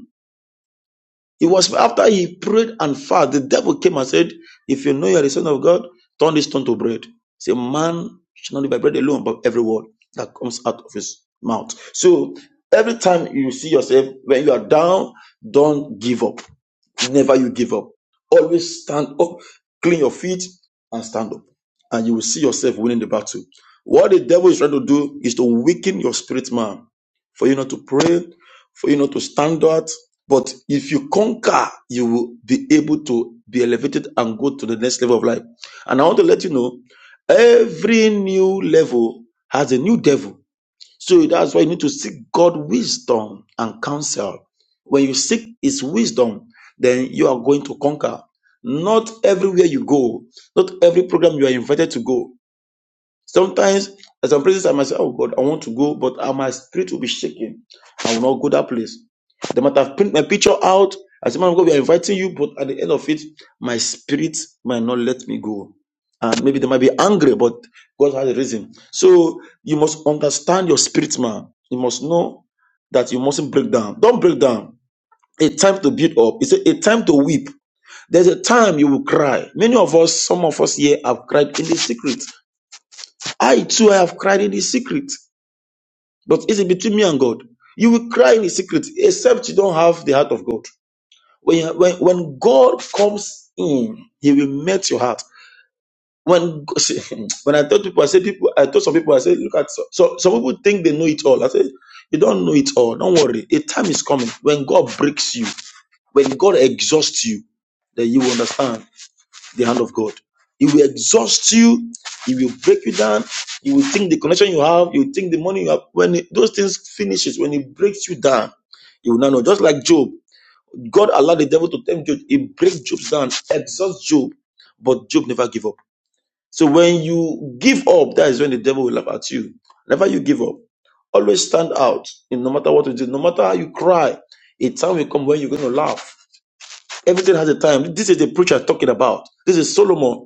Speaker 3: It was after he prayed and fasted, the devil came and said, If you know you are the son of God, turn this stone to bread. Say, man shall not live by bread alone, but every word that comes out of his mouth. So every time you see yourself, when you are down, don't give up. Never you give up. Always stand up, clean your feet, and stand up. And you will see yourself winning the battle. What the devil is trying to do is to weaken your spirit man for you not to pray, for you not to stand out. But if you conquer, you will be able to be elevated and go to the next level of life. And I want to let you know every new level has a new devil. So that's why you need to seek God wisdom and counsel. When you seek his wisdom, then you are going to conquer. Not everywhere you go, not every program you are invited to go. Sometimes at some places I might say, Oh God, I want to go, but uh, my spirit will be shaken. I will not go that place. They might have print my picture out. I say, Man of God, we are inviting you, but at the end of it, my spirit might not let me go. And maybe they might be angry, but God has a reason. So you must understand your spirit, man. You must know that you mustn't break down. Don't break down. A time to build up. It's a, a time to weep. There's a time you will cry. Many of us, some of us here have cried in the secret. I too have cried in the secret, but it's between me and God. You will cry in the secret, except you don't have the heart of God. When you, when, when God comes in, He will melt your heart. When God- [laughs] when I told people, I said people, I told some people, I said, look at so, so some people think they know it all. I said, you don't know it all. Don't worry. A time is coming when God breaks you, when God exhausts you, then you will understand the hand of God. He will exhaust you. He will break you down. You will think the connection you have, you will think the money you have. When it- those things finishes, when he breaks you down, you will not know. Just like Job, God allowed the devil to tempt Job. He breaks Job down, exhausts Job, but Job never give up. So when you give up, that is when the devil will laugh at you. Never you give up. Always stand out. in No matter what you do, no matter how you cry, a time will come when you're going to laugh. Everything has a time. This is the preacher talking about. This is Solomon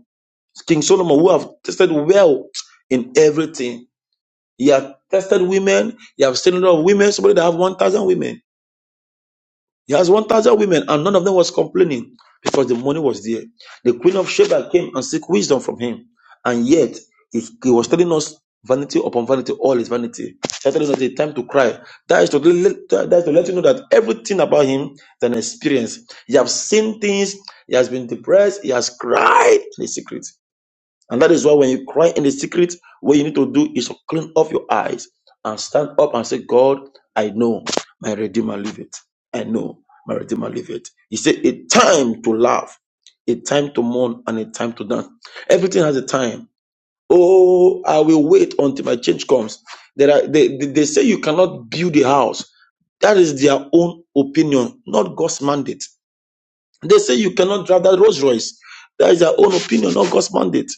Speaker 3: King Solomon, who have tested well in everything. He had tested women. He have seen a lot of women. Somebody that have 1,000 women. He has 1,000 women, and none of them was complaining because the money was there. The queen of Sheba came and seek wisdom from him. And yet, he, he was telling us vanity upon vanity, all is vanity. He was telling us the time to cry. That is to, let, that is to let you know that everything about him is an experience. He have seen things. He has been depressed. He has cried in the secret. And that is why when you cry in the secret, what you need to do is to clean off your eyes and stand up and say, God, I know my Redeemer liveth. I know my Redeemer liveth. He said, a time to laugh, a time to mourn, and a time to dance. Everything has a time. Oh, I will wait until my change comes. There are, they, they they say you cannot build a house. That is their own opinion, not God's mandate. They say you cannot drive that Rolls Royce. That is their own opinion, not God's mandate.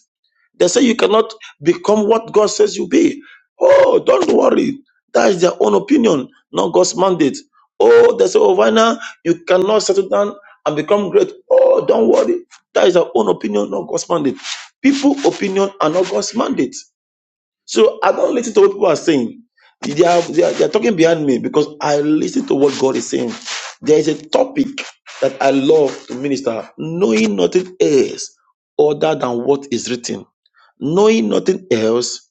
Speaker 3: They say you cannot become what God says you be. Oh, don't worry. That is their own opinion, not God's mandate. Oh, they say, oh, Vina, you cannot settle down and become great. Oh, don't worry. That is their own opinion, not God's mandate. People opinion are not God's mandate. So I don't listen to what people are saying. They are, they, are, they are talking behind me because I listen to what God is saying. There is a topic that I love to minister, knowing nothing else other than what is written. Knowing nothing else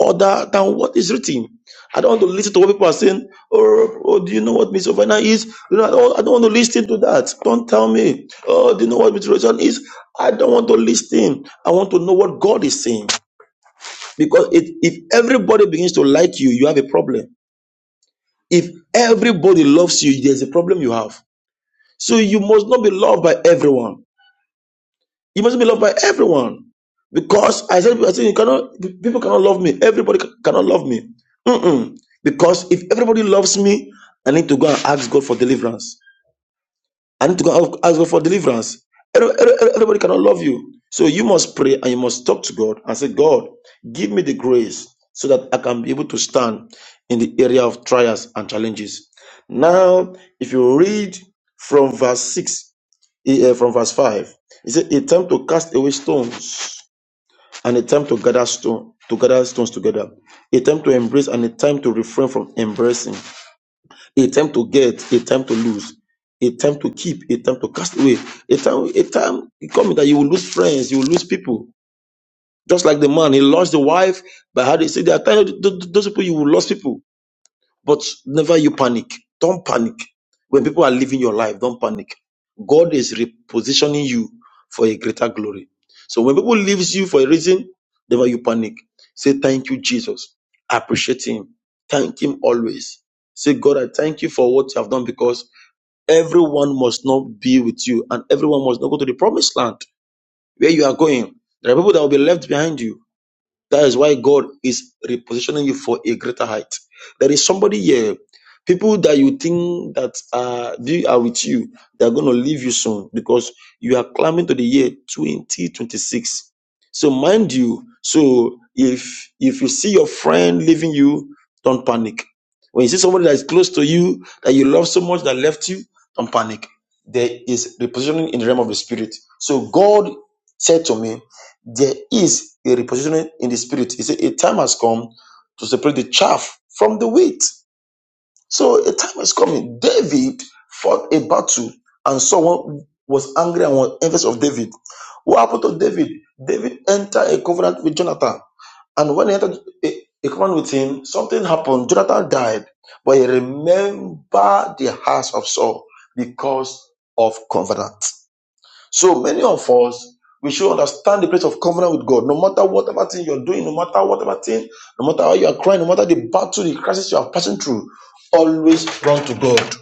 Speaker 3: other than what is written. I don't want to listen to what people are saying. Oh, oh do you know what Miss Ovena is? You know, I don't, I don't want to listen to that. Don't tell me. Oh, do you know what Miss Rosan is? I don't want to listen. I want to know what God is saying. Because it, if everybody begins to like you, you have a problem. If everybody loves you, there's a problem you have. So you must not be loved by everyone. You must be loved by everyone. Because I said, I said you cannot, people cannot love me. Everybody ca- cannot love me. Mm-mm. Because if everybody loves me, I need to go and ask God for deliverance. I need to go and ask God for deliverance. Every- every- Everybody cannot love you. So you must pray and you must talk to God and say, God, give me the grace so that I can be able to stand in the area of trials and challenges. Now, if you read from verse 6, eh, eh, from verse 5, it says, attempt to cast away stones and attempt to gather stone to gather stones together, a time to embrace and a time to refrain from embracing a time to get, a time to lose, a time to keep, a time to cast away, a time, a time coming that you will lose friends, you will lose people. Just like the man, he lost the wife, but how they say there are times th- th- those people you will lose people. But never you panic. Don't panic. When people are living your life, don't panic. God is repositioning you for a greater glory. So when people leaves you for a reason, never you panic. Say thank you, Jesus. Appreciate him. Thank him always. Say, God, I thank you for what you have done because everyone must not be with you and everyone must not go to the promised land where you are going. There are people that will be left behind you that is why God is repositioning you for a greater height. There is somebody here, people that you think that are, they are with you, they are going to leave you soon because you are climbing to the year 2026. So mind you, so if if you see your friend leaving you, don't panic. When you see somebody that is close to you, that you love so much that left you, don't panic. There is repositioning in the realm of the spirit. So God said to me, there is a repositioning in the spirit. He said, A time has come to separate the chaff from the wheat. So a time is coming. David fought a battle, and someone was angry and was envious of David. What happened to David? David entered a covenant with Jonathan. And when he entered a, a covenant with him, something happened. Jonathan died, but he remembered the house of Saul because of covenant. So many of us, we should understand the place of covenant with God. No matter whatever thing you're doing, no matter whatever thing, no matter how you are crying, no matter the battle, the crisis you are passing through, always run to God.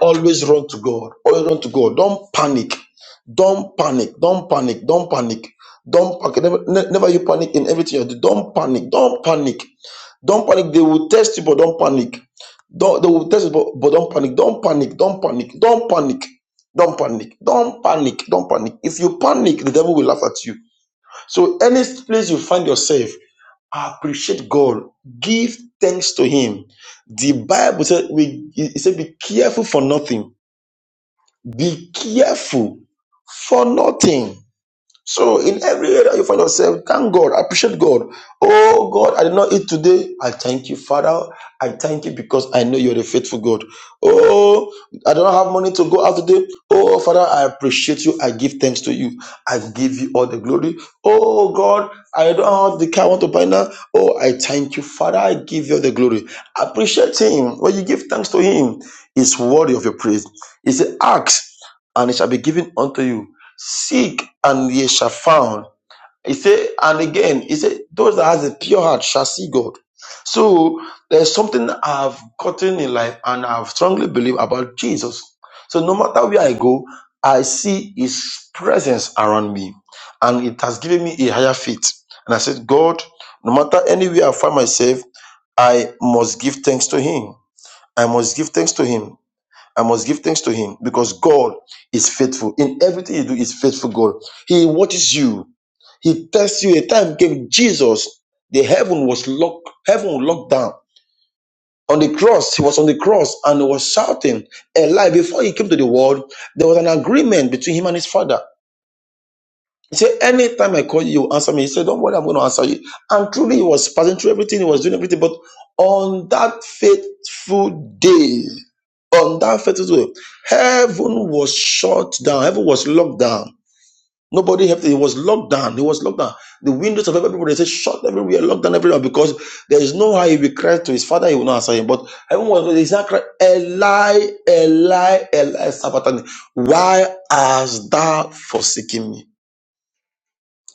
Speaker 3: Always run to God. Always run to God. Don't panic. Don't panic. Don't panic. Don't panic. Don't panic. Never, ne- never you panic in everything you do. Don't panic. Don't panic. Don't panic. They will test you, but don't panic. Don't, they will test you, but, but don't panic. Don't panic. Don't panic. Don't panic. Don't panic. Don't panic. Don't panic. If you panic, the devil will laugh at you. So, any place you find yourself, appreciate God. Give thanks to Him. The Bible said, we, it said, be careful for nothing. Be careful for nothing. So in every area you find yourself, thank God, appreciate God. Oh God, I did not eat today. I thank you, Father. I thank you because I know you're a faithful God. Oh, I don't have money to go out today. Oh Father, I appreciate you. I give thanks to you. I give you all the glory. Oh God, I don't have the car I want to buy now. Oh, I thank you, Father. I give you all the glory. Appreciate Him. When you give thanks to Him, He's worthy of your praise. He said, "Ask, and it shall be given unto you." Seek and ye shall found. He said, and again, he said, those that has a pure heart shall see God. So there's something I've gotten in life and I've strongly believe about Jesus. So no matter where I go, I see his presence around me. And it has given me a higher faith. And I said, God, no matter anywhere I find myself, I must give thanks to him. I must give thanks to him I must give thanks to him because God is faithful. In everything you do, is faithful God. He watches you. He tests you. A time came, Jesus, the heaven was locked, heaven was locked down. On the cross, he was on the cross and he was shouting a lie. Before he came to the world, there was an agreement between him and his father. He said, anytime I call you, you answer me. He said, don't worry, I'm going to answer you. And truly, he was passing through everything. He was doing everything. But on that fateful day, on that fateful day, heaven was shut down. Heaven was locked down. Nobody helped. It was locked down. It was locked down. The windows of everybody they said shut everywhere, locked down everywhere because there is no how he will cry to his father. He will not answer him. But heaven was, he's not crying, Eli, Eli, Eli, Sabbatani. Why hast thou forsaken me?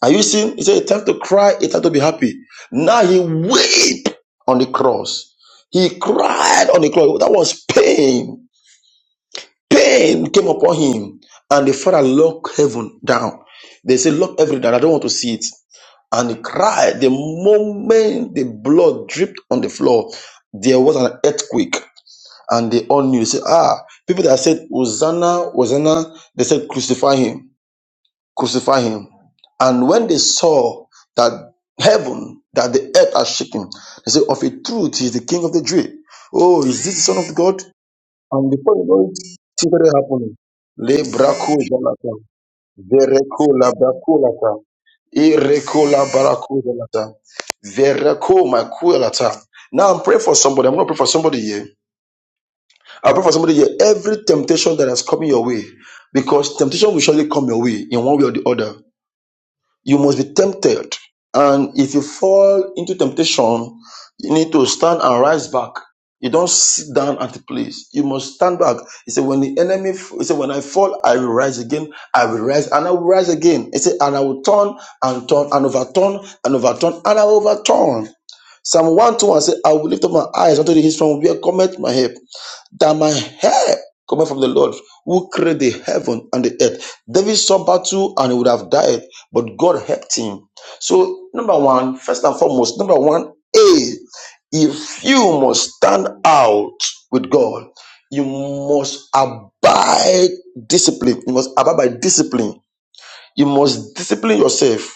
Speaker 3: Are you seeing? He said, It's time to cry, it's time to be happy. Now he weep on the cross. He cried on the cross. That was pain. Pain came upon him. And the father locked heaven down. They said, Lock everything down. I don't want to see it. And he cried. The moment the blood dripped on the floor, there was an earthquake. And they all knew. They said, Ah, people that said, Hosanna, Hosanna, they said, Crucify him crucify him. And when they saw that heaven, that the earth are shaking, they said, Of a truth, he is the king of the Jews. Oh, is this the son of God? And before you know it, see what happened. Le braco jalata, vereko la braco lata, ireko la barako jalata, vereko my kuelata. Now I'm praying for somebody. I'm going to pray for somebody here. I pray for somebody here. Every temptation that has come your way, because temptation will surely come your way in one way or the other. You must be tempted. And if you fall into temptation, you need to stand and rise back. You don't sit down at the place. You must stand back. He said, when the enemy, he said, when I fall, I will rise again. I will rise and I will rise again. He said, and I will turn and turn and overturn and overturn and I will overturn. Psalm 121 says, I will lift up my eyes unto the hills from where cometh my help that my help coming from the Lord who created the heaven and the earth. David saw battle and he would have died, but God helped him. So, number one, first and foremost, number one, A, if you must stand out with God, you must abide discipline. You must abide by discipline. You must discipline yourself.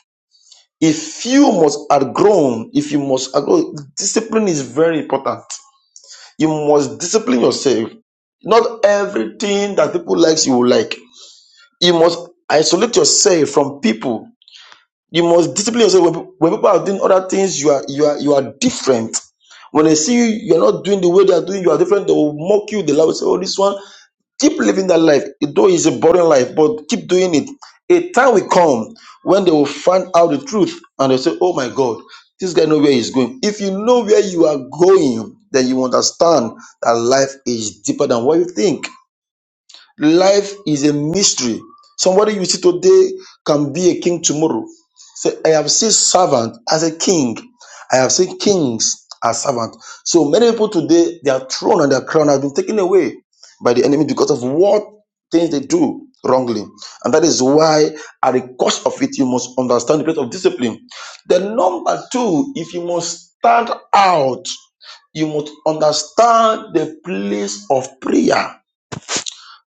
Speaker 3: If you must outgrown, if you must outgrow, discipline is very important. You must discipline yourself. Not everything that people likes you will like. You must isolate yourself from people. You must discipline yourself when, when people are doing other things. You are you are you are different. When they see you, you are not doing the way they are doing. You are different. They will mock you. They will say, "Oh, this one." keep living that life though it's a boring life but keep doing it a time will come when they will find out the truth and they say oh my god this guy know where he's going if you know where you are going then you understand that life is deeper than what you think Life is a mystery. Somebody you see today can be a king tomorrow. So I have seen servant as a king. I have seen kings as servant. So many people today, their throne and their crown have been taken away by the enemy because of what things they do wrongly. And that is why at the cost of it, you must understand the place of discipline. The number two, if you must stand out, you must understand the place of prayer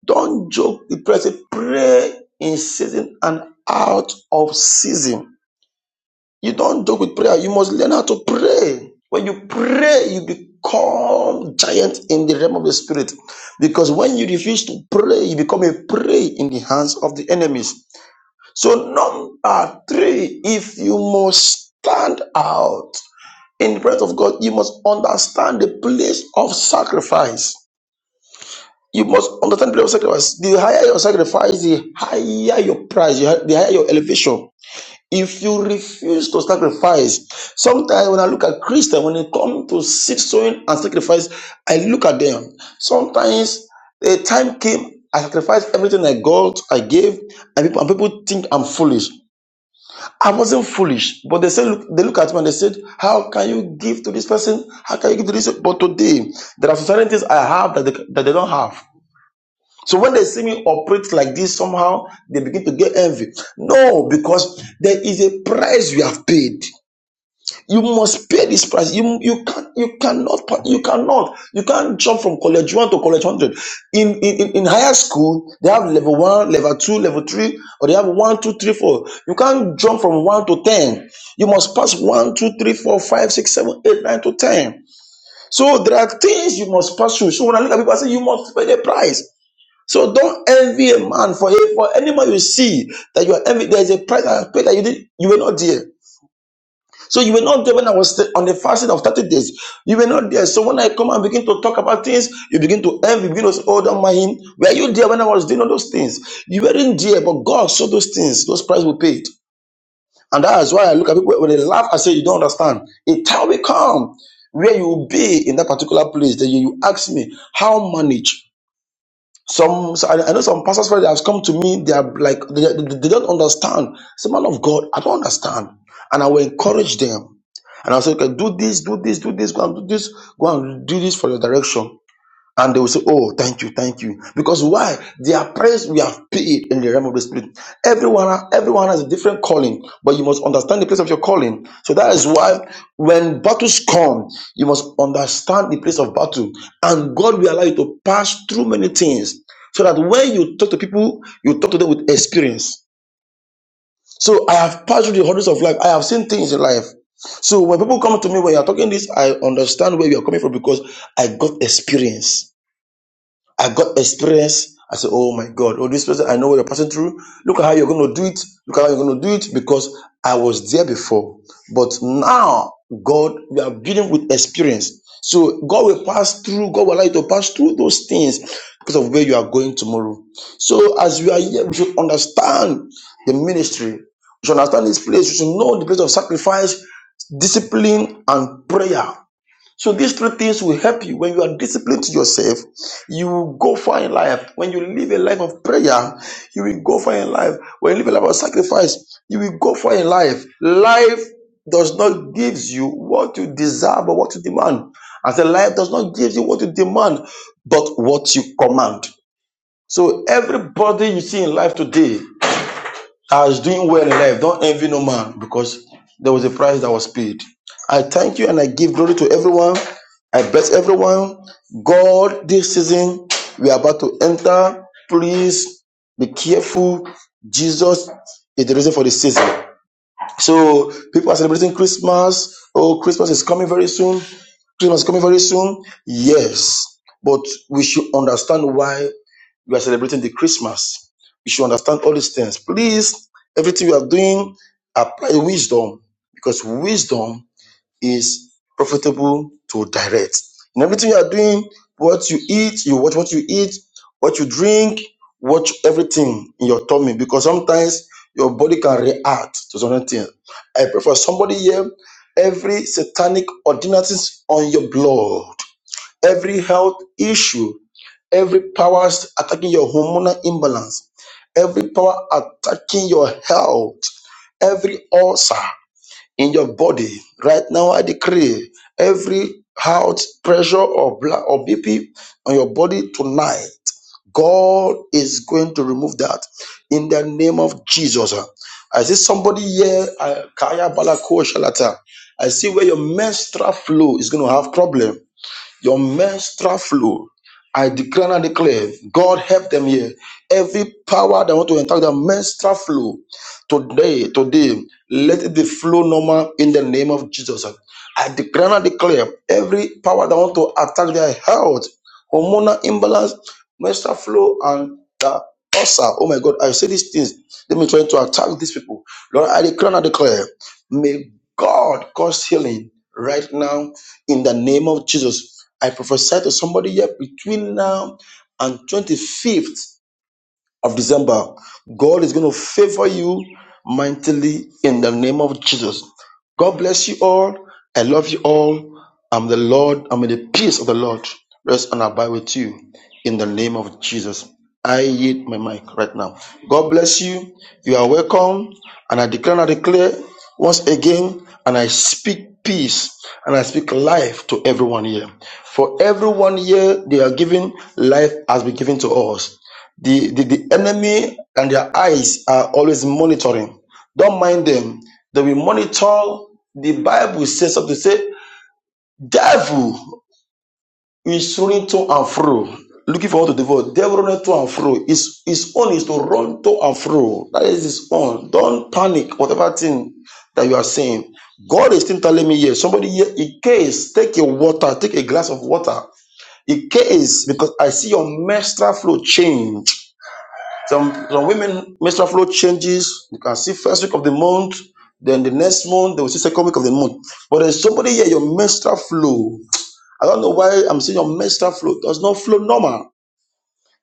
Speaker 3: don't joke with prayer. Say pray in season and out of season. You don't joke with prayer. You must learn how to pray. When you pray, you become giant in the realm of the spirit. Because when you refuse to pray, you become a prey in the hands of the enemies. So number three, if you must stand out in the presence of God, you must understand the place of sacrifice. You must understand the period of sacrifice. The higher your sacrifice, the higher your price, the hi- the higher your elevation. If you refuse to sacrifice, sometimes when I look at Christians, when they come to seed sowing and sacrifice, I look at them. Sometimes the time came, I sacrificed everything I got, I gave, and people, and people think I'm foolish. I wasn't foolish, but they said, look, they look at me and they said, how can you give to this person? How can you give to this? But today, there are certain things I have that they, that they don't have. So when they see me operate like this, somehow they begin to get envy. No, because there is a price you have paid. You must pay this price. You you can not you cannot you cannot you can't jump from college one to college hundred. In, in in in higher school, they have level one, level two, level three, or they have one, two, three, four. You can't jump from one to ten. You must pass one, two, three, four, five, six, seven, eight, nine to ten. So there are things you must pass through. So when I look at people, I say you must pay the price. So don't envy a man for for anyone you see that you are envy. There is a price I paid that you did. You were not there. So you were not there when I was st- on the fasting of 30 days. You were not there. So when I come and begin to talk about things, you begin to envy, you begin to say, Oh, don't mind him. Were you there when I was doing all those things? You weren't there, but God saw those things, those prices were paid. And that is why I look at people when they laugh, I say, You don't understand. A time will come where you will be in that particular place that you, you ask me, How manage? Some I I know some pastors friends that have come to me. They are like they, they they don't understand. It's a man of God. I don't understand, and I will encourage them. And I say, okay, do this, do this, do this, go and do this, go and do this for your direction. And they will say, Oh, thank you, thank you. Because why? Their price we have paid in the realm of the spirit. Everyone, everyone has a different calling, but you must understand the place of your calling. So that is why when battles come, you must understand the place of battle. And God will allow you to pass through many things. So that when you talk to people, you talk to them with experience. So I have passed through the hundreds of life. I have seen things in life. So when people come to me when you're talking this, I understand where you're coming from because I got experience. I got experience. I said, Oh my God, oh, this person, I know what you're passing through. Look at how you're going to do it. Look at how you're going to do it because I was there before. But now, God, we are dealing with experience. So God will pass through, God will allow you to pass through those things because of where you are going tomorrow. So as we are here, we should understand the ministry. We should understand this place. We should know the place of sacrifice, discipline, and prayer. So these three things will help you when you are disciplined to yourself. You will go far in life. When you live a life of prayer, you will go far in life. When you live a life of sacrifice, you will go far in life. Life does not give you what you desire but what you demand. As a life does not give you what you demand but what you command. So everybody you see in life today I was doing well in life. Don't envy no man because there was a price that was paid. I thank you and I give glory to everyone. I bless everyone. God, this season we are about to enter. Please be careful. Jesus is the reason for the season. So people are celebrating Christmas. Oh, Christmas is coming very soon. Christmas is coming very soon. Yes, but we should understand why we are celebrating the Christmas. We should understand all these things. Please, everything you are doing, apply wisdom because wisdom is profitable to direct. In everything you are doing, what you eat, you watch what you eat, what you drink, watch everything in your tummy because sometimes your body can react to certain things. I pray for somebody here, every satanic ordinances on your blood, every health issue, every powers attacking your hormonal imbalance, every power attacking your health, every ulcer in your body right now i decree every heart pressure or blood or bp on your body tonight god is going to remove that in the name of jesus i see somebody here uh, Kaya Balako Shalata. i see where your menstrual flow is going to have problem your menstrual flow. I declare and declare, God help them here. Every power that want to attack their menstrual flow today, today, let it be flow normal in the name of Jesus. I declare and declare every power that want to attack their health, hormonal imbalance, menstrual flow, and the ulcer. Oh my God, I say these things. Let me try to attack these people. Lord, I declare and declare, may God cause healing right now in the name of Jesus. I prophesy to somebody here between now and 25th of December. God is going to favor you mightily in the name of Jesus. God bless you all. I love you all. I'm the Lord. I'm in the peace of the Lord. Rest and abide with you in the name of Jesus. I yield my mic right now. God bless you. You are welcome. And I declare and I declare once again, and I speak peace and I speak life to everyone here. For everyone here, they are giving life has been given to us. The, the, the enemy and their eyes are always monitoring. Don't mind them. They will monitor. The Bible says something to say, devil is running to and fro. Looking for what to devote. Devil running to and fro. His, his own is to run to and fro. That is his own. Don't panic, whatever thing that you are saying. God is still telling me here. Somebody here, in case, take a water, take a glass of water. In case, because I see your menstrual flow change. Some some women menstrual flow changes. You can see first week of the month, then the next month they will see second week of the month. But there's somebody here, your menstrual flow. I don't know why I'm saying your menstrual flow does not flow normal.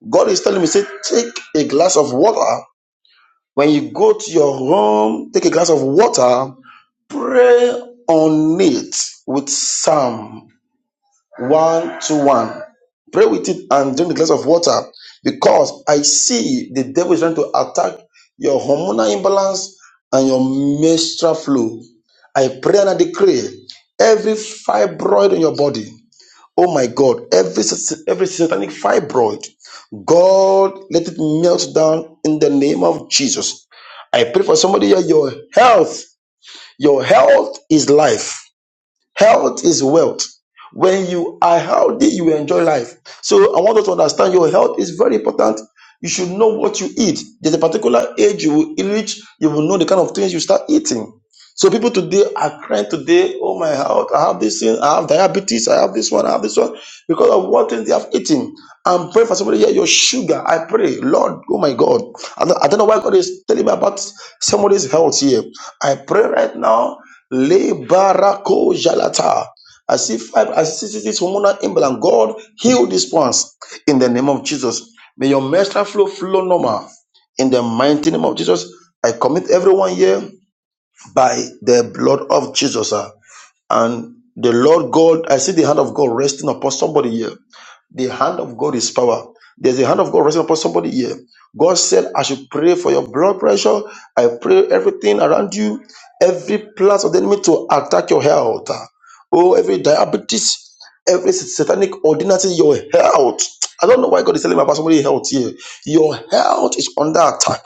Speaker 3: God is telling me, say, take a glass of water. When you go to your home, take a glass of water, pray on it with psalm one to one. Pray with it and drink the glass of water because I see the devil is trying to attack your hormonal imbalance and your menstrual flow. I pray and I decree every fibroid in your body. Oh my God, every sat- every satanic fibroid, God, let it melt down in the name of Jesus. I pray for somebody here, your health. Your health is life. Health is wealth. When you are healthy, you enjoy life. So I want us to understand your health is very important. You should know what you eat. There's a particular age you will reach, you will know the kind of things you start eating. So people today are crying today, oh my health, I have this thing, I have diabetes, I have this one, I have this one, because of what things they have eaten. I'm praying for somebody here, your sugar. I pray, Lord, oh my God. I don't, I don't know why God is telling me about somebody's health here. I pray right now Le barako jalata. I see five, I see see this hormonal imbalance. God heal this ones in the name of Jesus. May your menstrual flow flow normal in the mighty name of Jesus. I commit everyone here by the blood of Jesus. ah. And the Lord God, I see the hand of God resting upon somebody here. The hand of God is power. There's a hand of God resting upon somebody here. God said, I should pray for your blood pressure. I pray everything around you, every plans of the enemy to attack your health. Oh, every diabetes, every satanic ordinance in your health. I don't know why God is telling me about somebody's health here. Your health is under attack.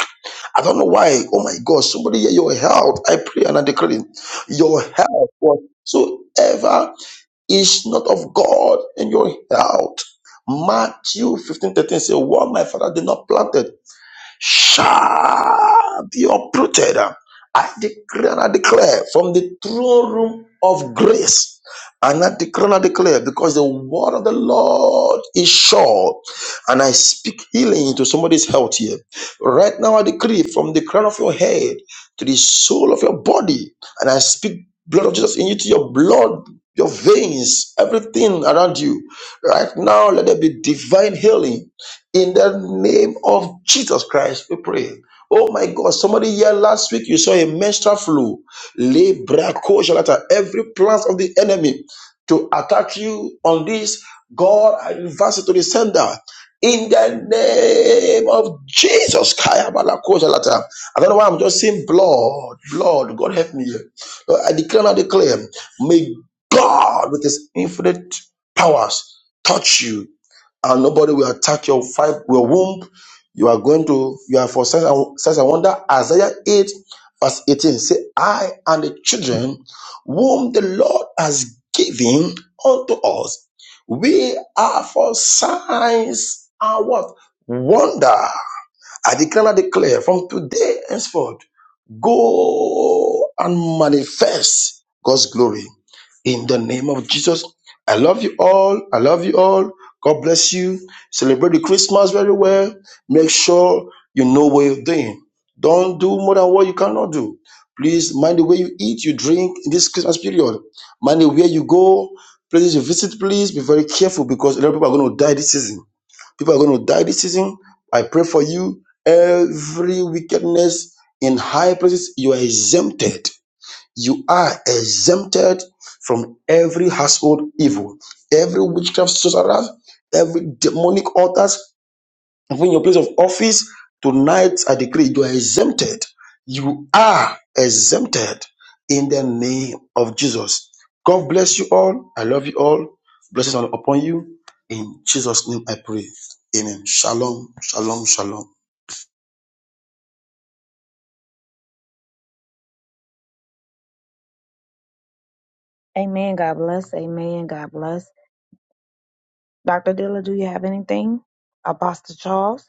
Speaker 3: I don't know why. Oh my God, somebody here, your health. I pray and I declare it. your health whatsoever is not of God in your health. Matthew fifteen thirteen 13 says, What my father did not plant shall be uprooted. I declare and I declare from the throne room of grace. And I declare and I declare because the word of the Lord is sure. And I speak healing into somebody's health here. Right now, I decree from the crown of your head to the sole of your body. And I speak blood of Jesus in you to your blood, your veins, everything around you. Right now, let there be divine healing in the name of Jesus Christ, we pray. Oh my God, somebody here last week you saw a menstrual flu. Libra Koshalata, every plant of the enemy to attack you on this, God, I reverse it to the sender. In the name of Jesus, Kaya Bala Koshalata. I don't know why I'm just seeing blood, blood. God help me. Lord, I declare and I declare, may God with his infinite powers touch you and nobody will attack your five your womb. You are going to you are for such and such and wonder. Isaiah 8, verse 18. Say, I and the children whom the Lord has given unto us, we are for signs and what? Wonder I declare and declare from today henceforth, go and manifest God's glory in the name of Jesus. I love you all. I love you all. God bless you. Celebrate the Christmas very well. Make sure you know what you're doing. Don't do more than what you cannot do. Please mind the way you eat, you drink in this Christmas period. Mind the way you go, places you visit, please be very careful because a lot of people are going to die this season. People are going to die this season. I pray for you. Every wickedness in high places, you are exempted. You are exempted from every household evil, every witchcraft sorcerer, every demonic altar. And Even your place of office, tonight I decree you are exempted. You are exempted in the name of Jesus. God bless you all. I love you all. Blessings are upon you. In Jesus' name I pray. Amen. Shalom, shalom, shalom.
Speaker 1: Amen. God bless. Amen. God bless. Dr. Dilla, do you have anything? Apostle Charles.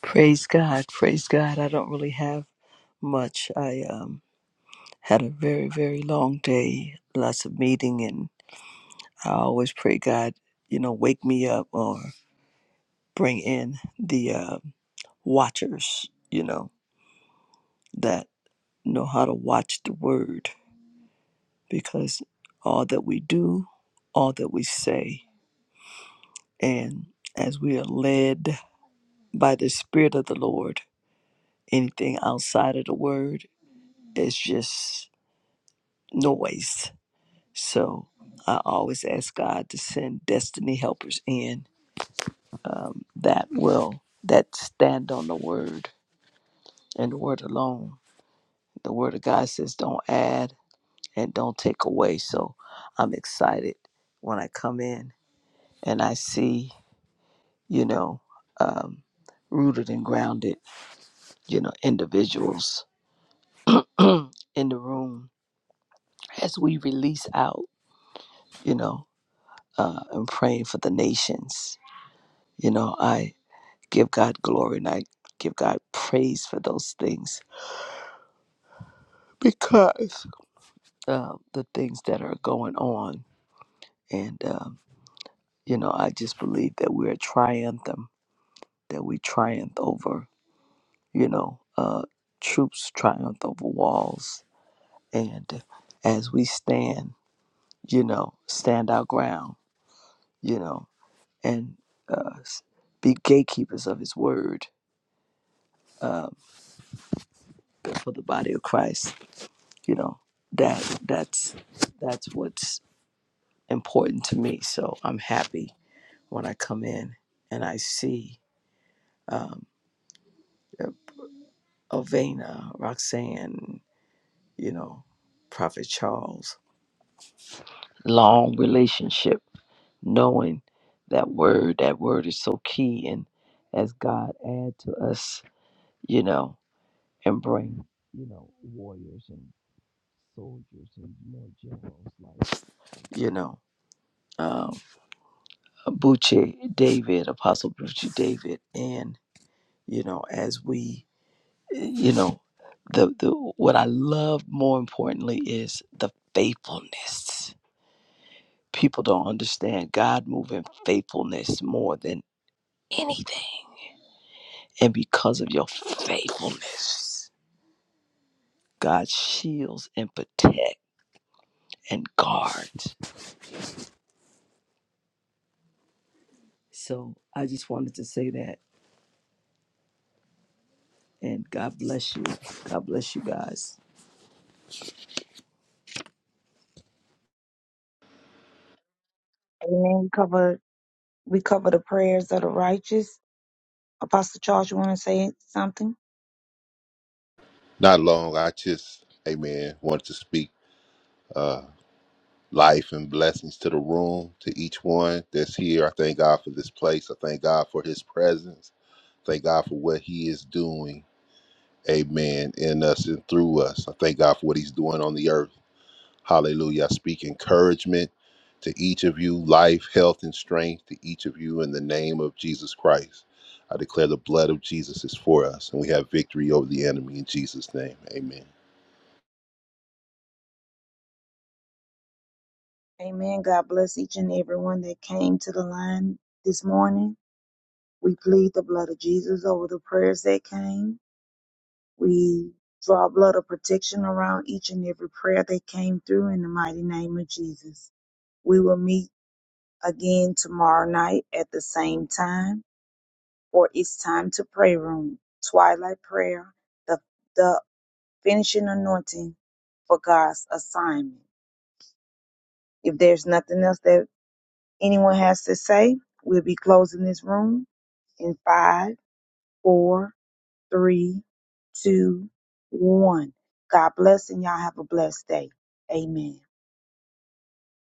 Speaker 4: Praise God. Praise God. I don't really have much. I um, had a very, very long day, lots of meeting, and I always pray God, you know, wake me up or bring in the uh, watchers, you know, that know how to watch the word because all that we do, all that we say, and as we are led by the Spirit of the Lord, anything outside of the word is just noise So I always ask God to send destiny helpers in um, that will, that stand on the word and the word alone. The word of God says, don't add and don't take away. So I'm excited when I come in and I see, you know, um, rooted and grounded, you know, individuals [clears throat] in the room as we release out, you know, uh, and praying for the nations. You know, I. give God glory and I give God praise for those things because uh, the things that are going on. And, um, you know, I just believe that we're triumphant, that we triumph over, you know, uh, troops triumph over walls. And as we stand, you know, stand our ground, you know, and uh, be gatekeepers of his word um, for the body of Christ, you know, that that's that's what's important to me. So I'm happy when I come in and I see um, Ovena, Roxanne, you know, Prophet Charles, long relationship, knowing that word, that word is so key. And as God add to us, you know, and bring, you know, warriors and soldiers and more generals like, you know, um, Buche David, Apostle Buche David, and, you know, as we you know the, the what i love more importantly is the faithfulness people don't understand god moving faithfulness more than anything and because of your faithfulness god shields and protect and guards so i just wanted to say that and god bless you god bless you guys
Speaker 1: Amen. We cover we cover the prayers of the righteous. Apostle Charles, you want to say something?
Speaker 5: Not long. I just, amen, Wanted to speak uh, life and blessings to the room, to each one that's here. I thank God for this place. I thank God for his presence. Thank God for what he is doing, amen, in us and through us. I thank God for what he's doing on the earth. Hallelujah. I speak encouragement to each of you, life, health, and strength to each of you in the name of Jesus Christ. I declare the blood of Jesus is for us, and we have victory over the enemy in Jesus' name. Amen.
Speaker 1: Amen. God bless each and everyone that came to the line this morning. We plead the blood of Jesus over the prayers that came. We draw a blood of protection around each and every prayer that came through in the mighty name of Jesus. We will meet again tomorrow night at the same time for It's Time to Pray Room, Twilight Prayer, the, the finishing anointing for God's assignment. If there's nothing else that anyone has to say, we'll be closing this room in five, four, three, two, one. God bless and y'all have a blessed day. Amen.